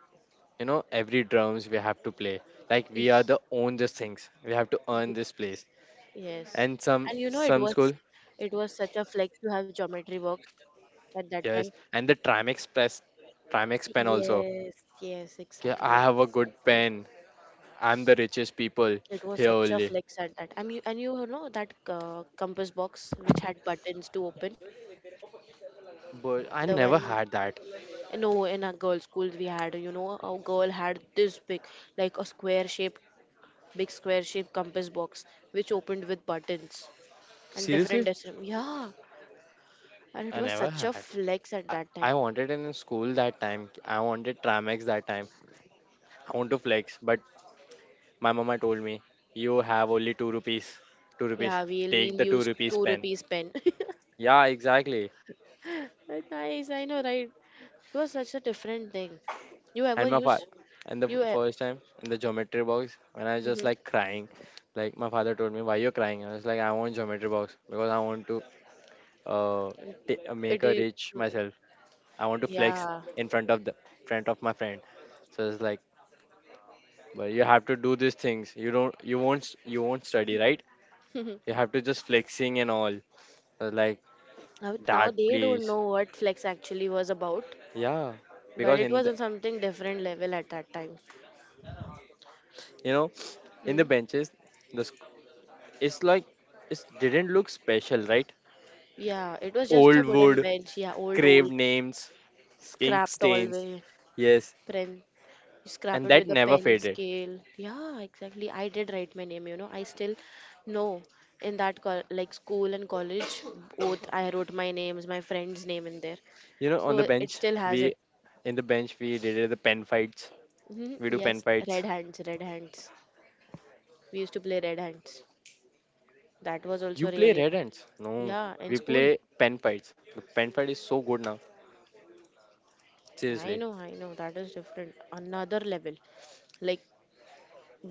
Speaker 1: you know, every drums we have to play, like
Speaker 2: Eh,
Speaker 1: we are the own these things, we have to earn this place.
Speaker 2: Yes.
Speaker 1: And some
Speaker 2: And you know it
Speaker 1: some school.
Speaker 2: was it was such a flex to have geometry works at that
Speaker 1: Yes,
Speaker 2: time.
Speaker 1: and the trimex press, trimex pen also.
Speaker 2: Yes, yes,
Speaker 1: Okay, I
Speaker 2: exactly,
Speaker 1: have a good
Speaker 2: exactly.
Speaker 1: pen. I'm the richest people
Speaker 2: It was
Speaker 1: here
Speaker 2: such a
Speaker 1: only.
Speaker 2: flex at that time. You, and you know that compass box which had buttons to open.
Speaker 1: But I
Speaker 2: The
Speaker 1: never
Speaker 2: one,
Speaker 1: had that.
Speaker 2: no, in our girls' schools we had, you know, a girl had this big, like a square shape, big square shape compass box which opened with buttons and different
Speaker 1: Seriously,
Speaker 2: decisions. Yeah, and it
Speaker 1: I
Speaker 2: was
Speaker 1: never
Speaker 2: such a
Speaker 1: had.
Speaker 2: flex at
Speaker 1: i,
Speaker 2: that time.
Speaker 1: I wanted it in school that time. I wanted trimex that time. I want to flex, but my mama told me, you have only two rupees. Two rupees.
Speaker 2: Yeah, we'll
Speaker 1: Take
Speaker 2: we'll
Speaker 1: the two
Speaker 2: use
Speaker 1: rupees
Speaker 2: two
Speaker 1: pen.
Speaker 2: rupees pen.
Speaker 1: Yeah, exactly.
Speaker 2: That's nice, I know, right? It was such a different thing. You ever
Speaker 1: And my father,
Speaker 2: used
Speaker 1: and the
Speaker 2: you?
Speaker 1: first time in the geometry box, when I was just
Speaker 2: Mhm.
Speaker 1: like crying, like my father told me, why you're crying? I was like, I want geometry box because I want to uh, make
Speaker 2: It
Speaker 1: a
Speaker 2: is.
Speaker 1: rich myself. I want to flex
Speaker 2: Yeah.
Speaker 1: in front of the front of my friend. So it's like, but you have to do these things. You don't, you won't, s- You won't study, right? You have to just flexing and all. I was like
Speaker 2: Now, now
Speaker 1: that,
Speaker 2: they don't
Speaker 1: please.
Speaker 2: know what flex actually was about,
Speaker 1: Yeah,
Speaker 2: but
Speaker 1: because
Speaker 2: it
Speaker 1: in
Speaker 2: was
Speaker 1: the,
Speaker 2: on something different level at that time.
Speaker 1: you know, in the
Speaker 2: Mm.
Speaker 1: benches, the sc- it's like it didn't look special, right?
Speaker 2: Yeah, it was just a
Speaker 1: Old
Speaker 2: wooden
Speaker 1: wood,
Speaker 2: bench. Yeah, old
Speaker 1: craved
Speaker 2: old,
Speaker 1: names, ink
Speaker 2: scrapped all the
Speaker 1: stains.
Speaker 2: way.
Speaker 1: Yes,
Speaker 2: You scrap
Speaker 1: and
Speaker 2: it
Speaker 1: that
Speaker 2: with a
Speaker 1: never
Speaker 2: pen,
Speaker 1: faded.
Speaker 2: scale. Yeah, exactly. I did write my name, you know. I still know in that like school and college both I wrote my names, my friend's name in there.
Speaker 1: You know, on the
Speaker 2: So it
Speaker 1: bench
Speaker 2: still has
Speaker 1: we
Speaker 2: it.
Speaker 1: in the bench we did the pen fights.
Speaker 2: Hmm.
Speaker 1: We do pen
Speaker 2: Yes, red
Speaker 1: fights.
Speaker 2: hands, red hands. We used to play red hands. That was
Speaker 1: You
Speaker 2: also
Speaker 1: play
Speaker 2: really
Speaker 1: red
Speaker 2: nice.
Speaker 1: hands? No,
Speaker 2: Yeah, in
Speaker 1: we
Speaker 2: school.
Speaker 1: play pen fights. The pen fight is so good now.
Speaker 2: I
Speaker 1: Seriously,
Speaker 2: know, I know. That is different. Another level. Like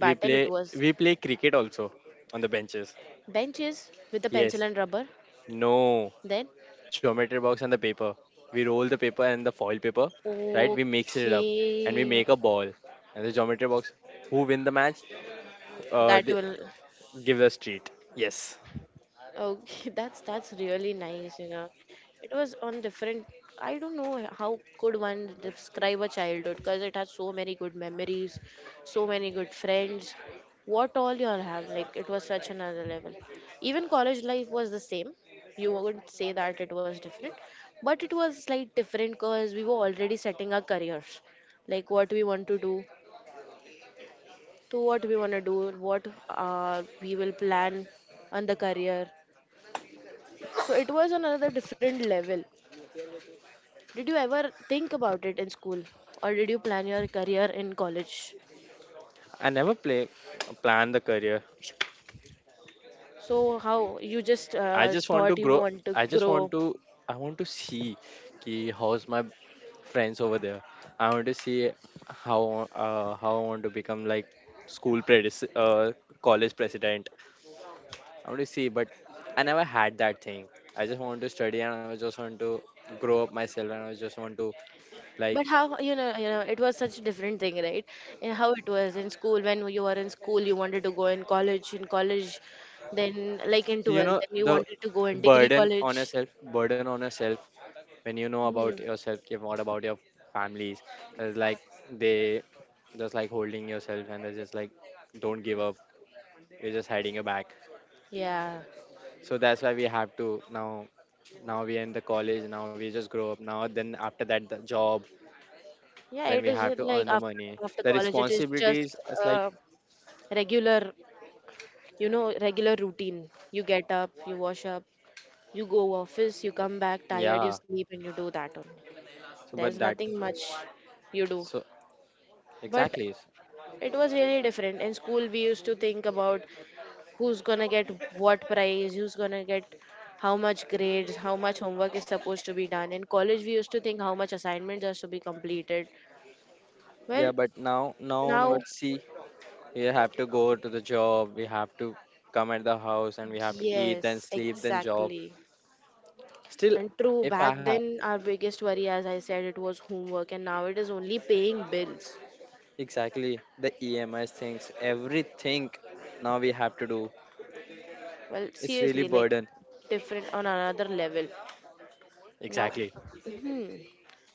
Speaker 1: we play
Speaker 2: it was.
Speaker 1: we play cricket also on the benches.
Speaker 2: Benches with a pencil
Speaker 1: Yes.
Speaker 2: and rubber.
Speaker 1: No.
Speaker 2: Then
Speaker 1: Geometry box and the paper. We roll the paper and the foil paper, right? We mix it up and we
Speaker 2: okay,
Speaker 1: make a ball. And the geometry box, who win the match,
Speaker 2: that
Speaker 1: they
Speaker 2: will.
Speaker 1: give us treat. Yes,
Speaker 2: Okay, that's really nice. It was on different. I don't know how could one describe a childhood because it has so many good memories, so many good friends. What all y'all have, like it was such another level. Even college life was the same. You wouldn't say that it was different, but it was slight different because we were already setting our careers, like what we want to do to what we want to do what we will plan on the career, so it was on another different level. Did you ever think about it in school, or did you plan your career in college?
Speaker 1: I never play plan the career.
Speaker 2: So how you just
Speaker 1: I just want to
Speaker 2: thought you
Speaker 1: grow.
Speaker 2: want to
Speaker 1: I just want
Speaker 2: grow?
Speaker 1: to. I want to see, ki how's my friends over there. I want to see how, how I want to become like school predis college president, I want to see, but I never had that thing. I just want to study and I was just want to grow up myself and I was just want to, like,
Speaker 2: But how you know it was such a different thing, right? And how it was in school, when you were in school you wanted to go in college, in college then like in
Speaker 1: so you
Speaker 2: 12th,
Speaker 1: know,
Speaker 2: then you
Speaker 1: the
Speaker 2: wanted to go in degree
Speaker 1: burden
Speaker 2: college.
Speaker 1: on yourself, burden on yourself, when you know about
Speaker 2: Hmm.
Speaker 1: yourself, okay, what about your families? Like, they just like holding yourself and they're just like, don't give up. We're just hiding your back.
Speaker 2: Yeah.
Speaker 1: So that's why we have to now, now we are in the college, now we just grow up. Now then after that the job,
Speaker 2: Yeah,
Speaker 1: then
Speaker 2: it
Speaker 1: we have
Speaker 2: isn't
Speaker 1: to
Speaker 2: like
Speaker 1: earn the
Speaker 2: after
Speaker 1: money.
Speaker 2: after
Speaker 1: The
Speaker 2: college, it is just
Speaker 1: responsibilities is like,
Speaker 2: uh, regular, you know, regular routine. You get up, you wash up, you go office, you come back tired, you
Speaker 1: yeah.
Speaker 2: sleep, and you do that only.
Speaker 1: So, but
Speaker 2: There's
Speaker 1: that,
Speaker 2: nothing much you do.
Speaker 1: so
Speaker 2: But
Speaker 1: exactly.
Speaker 2: it was really different. In school, we used to think about who's gonna get what prize, who's gonna get how much grades, how much homework is supposed to be done. In college, we used to think how much assignments are to be completed.
Speaker 1: Yeah,
Speaker 2: Well,
Speaker 1: but now, now
Speaker 2: now
Speaker 1: onwards, see, we have to go to the job, we have to come at the house, and we have to eat, then
Speaker 2: yes,
Speaker 1: sleep, then job.
Speaker 2: exactly.
Speaker 1: Still,
Speaker 2: And true,
Speaker 1: if
Speaker 2: back
Speaker 1: I have
Speaker 2: then our biggest worry, as I said, it was homework, and now it is only paying bills.
Speaker 1: exactly the EMS things, everything now we have to do,
Speaker 2: Well,
Speaker 1: it's really
Speaker 2: seriously, like
Speaker 1: burden.
Speaker 2: different on another level. Now,
Speaker 1: Exactly.
Speaker 2: mhm,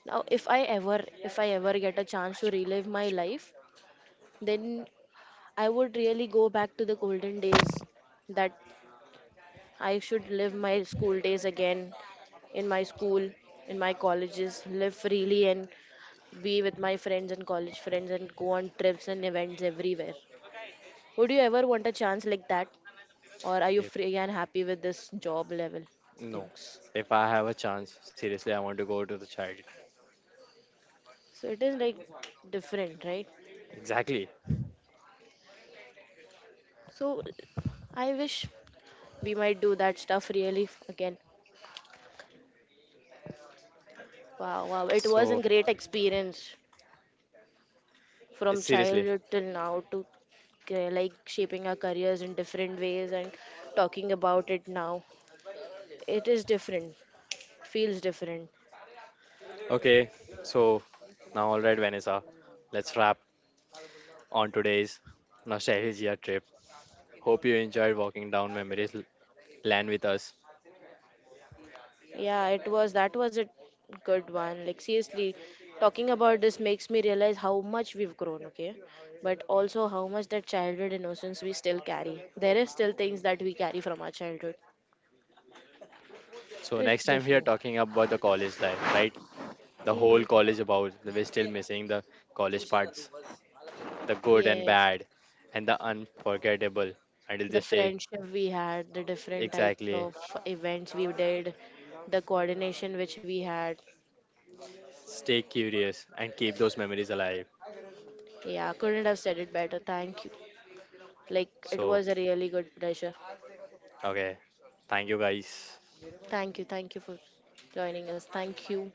Speaker 2: now if I ever get a chance to relive my life, then I would really go back to the golden days that I should live my school days again in my school, in my colleges, live freely and be with my friends and college friends and go on trips and events everywhere. Would you ever want a chance like that? Or are you
Speaker 1: Yep.
Speaker 2: free and happy with this job level
Speaker 1: No,
Speaker 2: things?
Speaker 1: if I have a chance, seriously, I want to go to the child.
Speaker 2: So it is like different, right?
Speaker 1: Exactly.
Speaker 2: So I wish we might do that stuff really again. Wow, wow. It was a
Speaker 1: So,
Speaker 2: great experience
Speaker 1: it's
Speaker 2: from
Speaker 1: seriously.
Speaker 2: childhood till now to like shaping our careers in different ways and talking about it now. It is different, feels different.
Speaker 1: Okay, so now, all right, Vanessa, let's wrap on today's nostalgia trip. Hope you enjoyed walking down memories lane with us.
Speaker 2: Yeah, it was that was a good one. Like seriously, talking about this makes me realize how much we've grown, okay? But also how much that childhood innocence we still carry. There is still things that we carry from our childhood.
Speaker 1: So next
Speaker 2: It's
Speaker 1: time we are
Speaker 2: different.
Speaker 1: talking about the college life, right? The whole
Speaker 2: Mhm.
Speaker 1: college about. We're still missing the college parts, the good and
Speaker 2: Yes.
Speaker 1: bad, and the unforgettable. Until
Speaker 2: The
Speaker 1: this day,
Speaker 2: friendship we had, the different types
Speaker 1: exactly.
Speaker 2: of events we did, the coordination which we had.
Speaker 1: Stay curious and keep those memories alive.
Speaker 2: Yeah, couldn't have said it better. Thank you. Like it
Speaker 1: So
Speaker 2: was a really good pleasure.
Speaker 1: okay, thank you guys.
Speaker 2: Thank you for joining us. Thank you.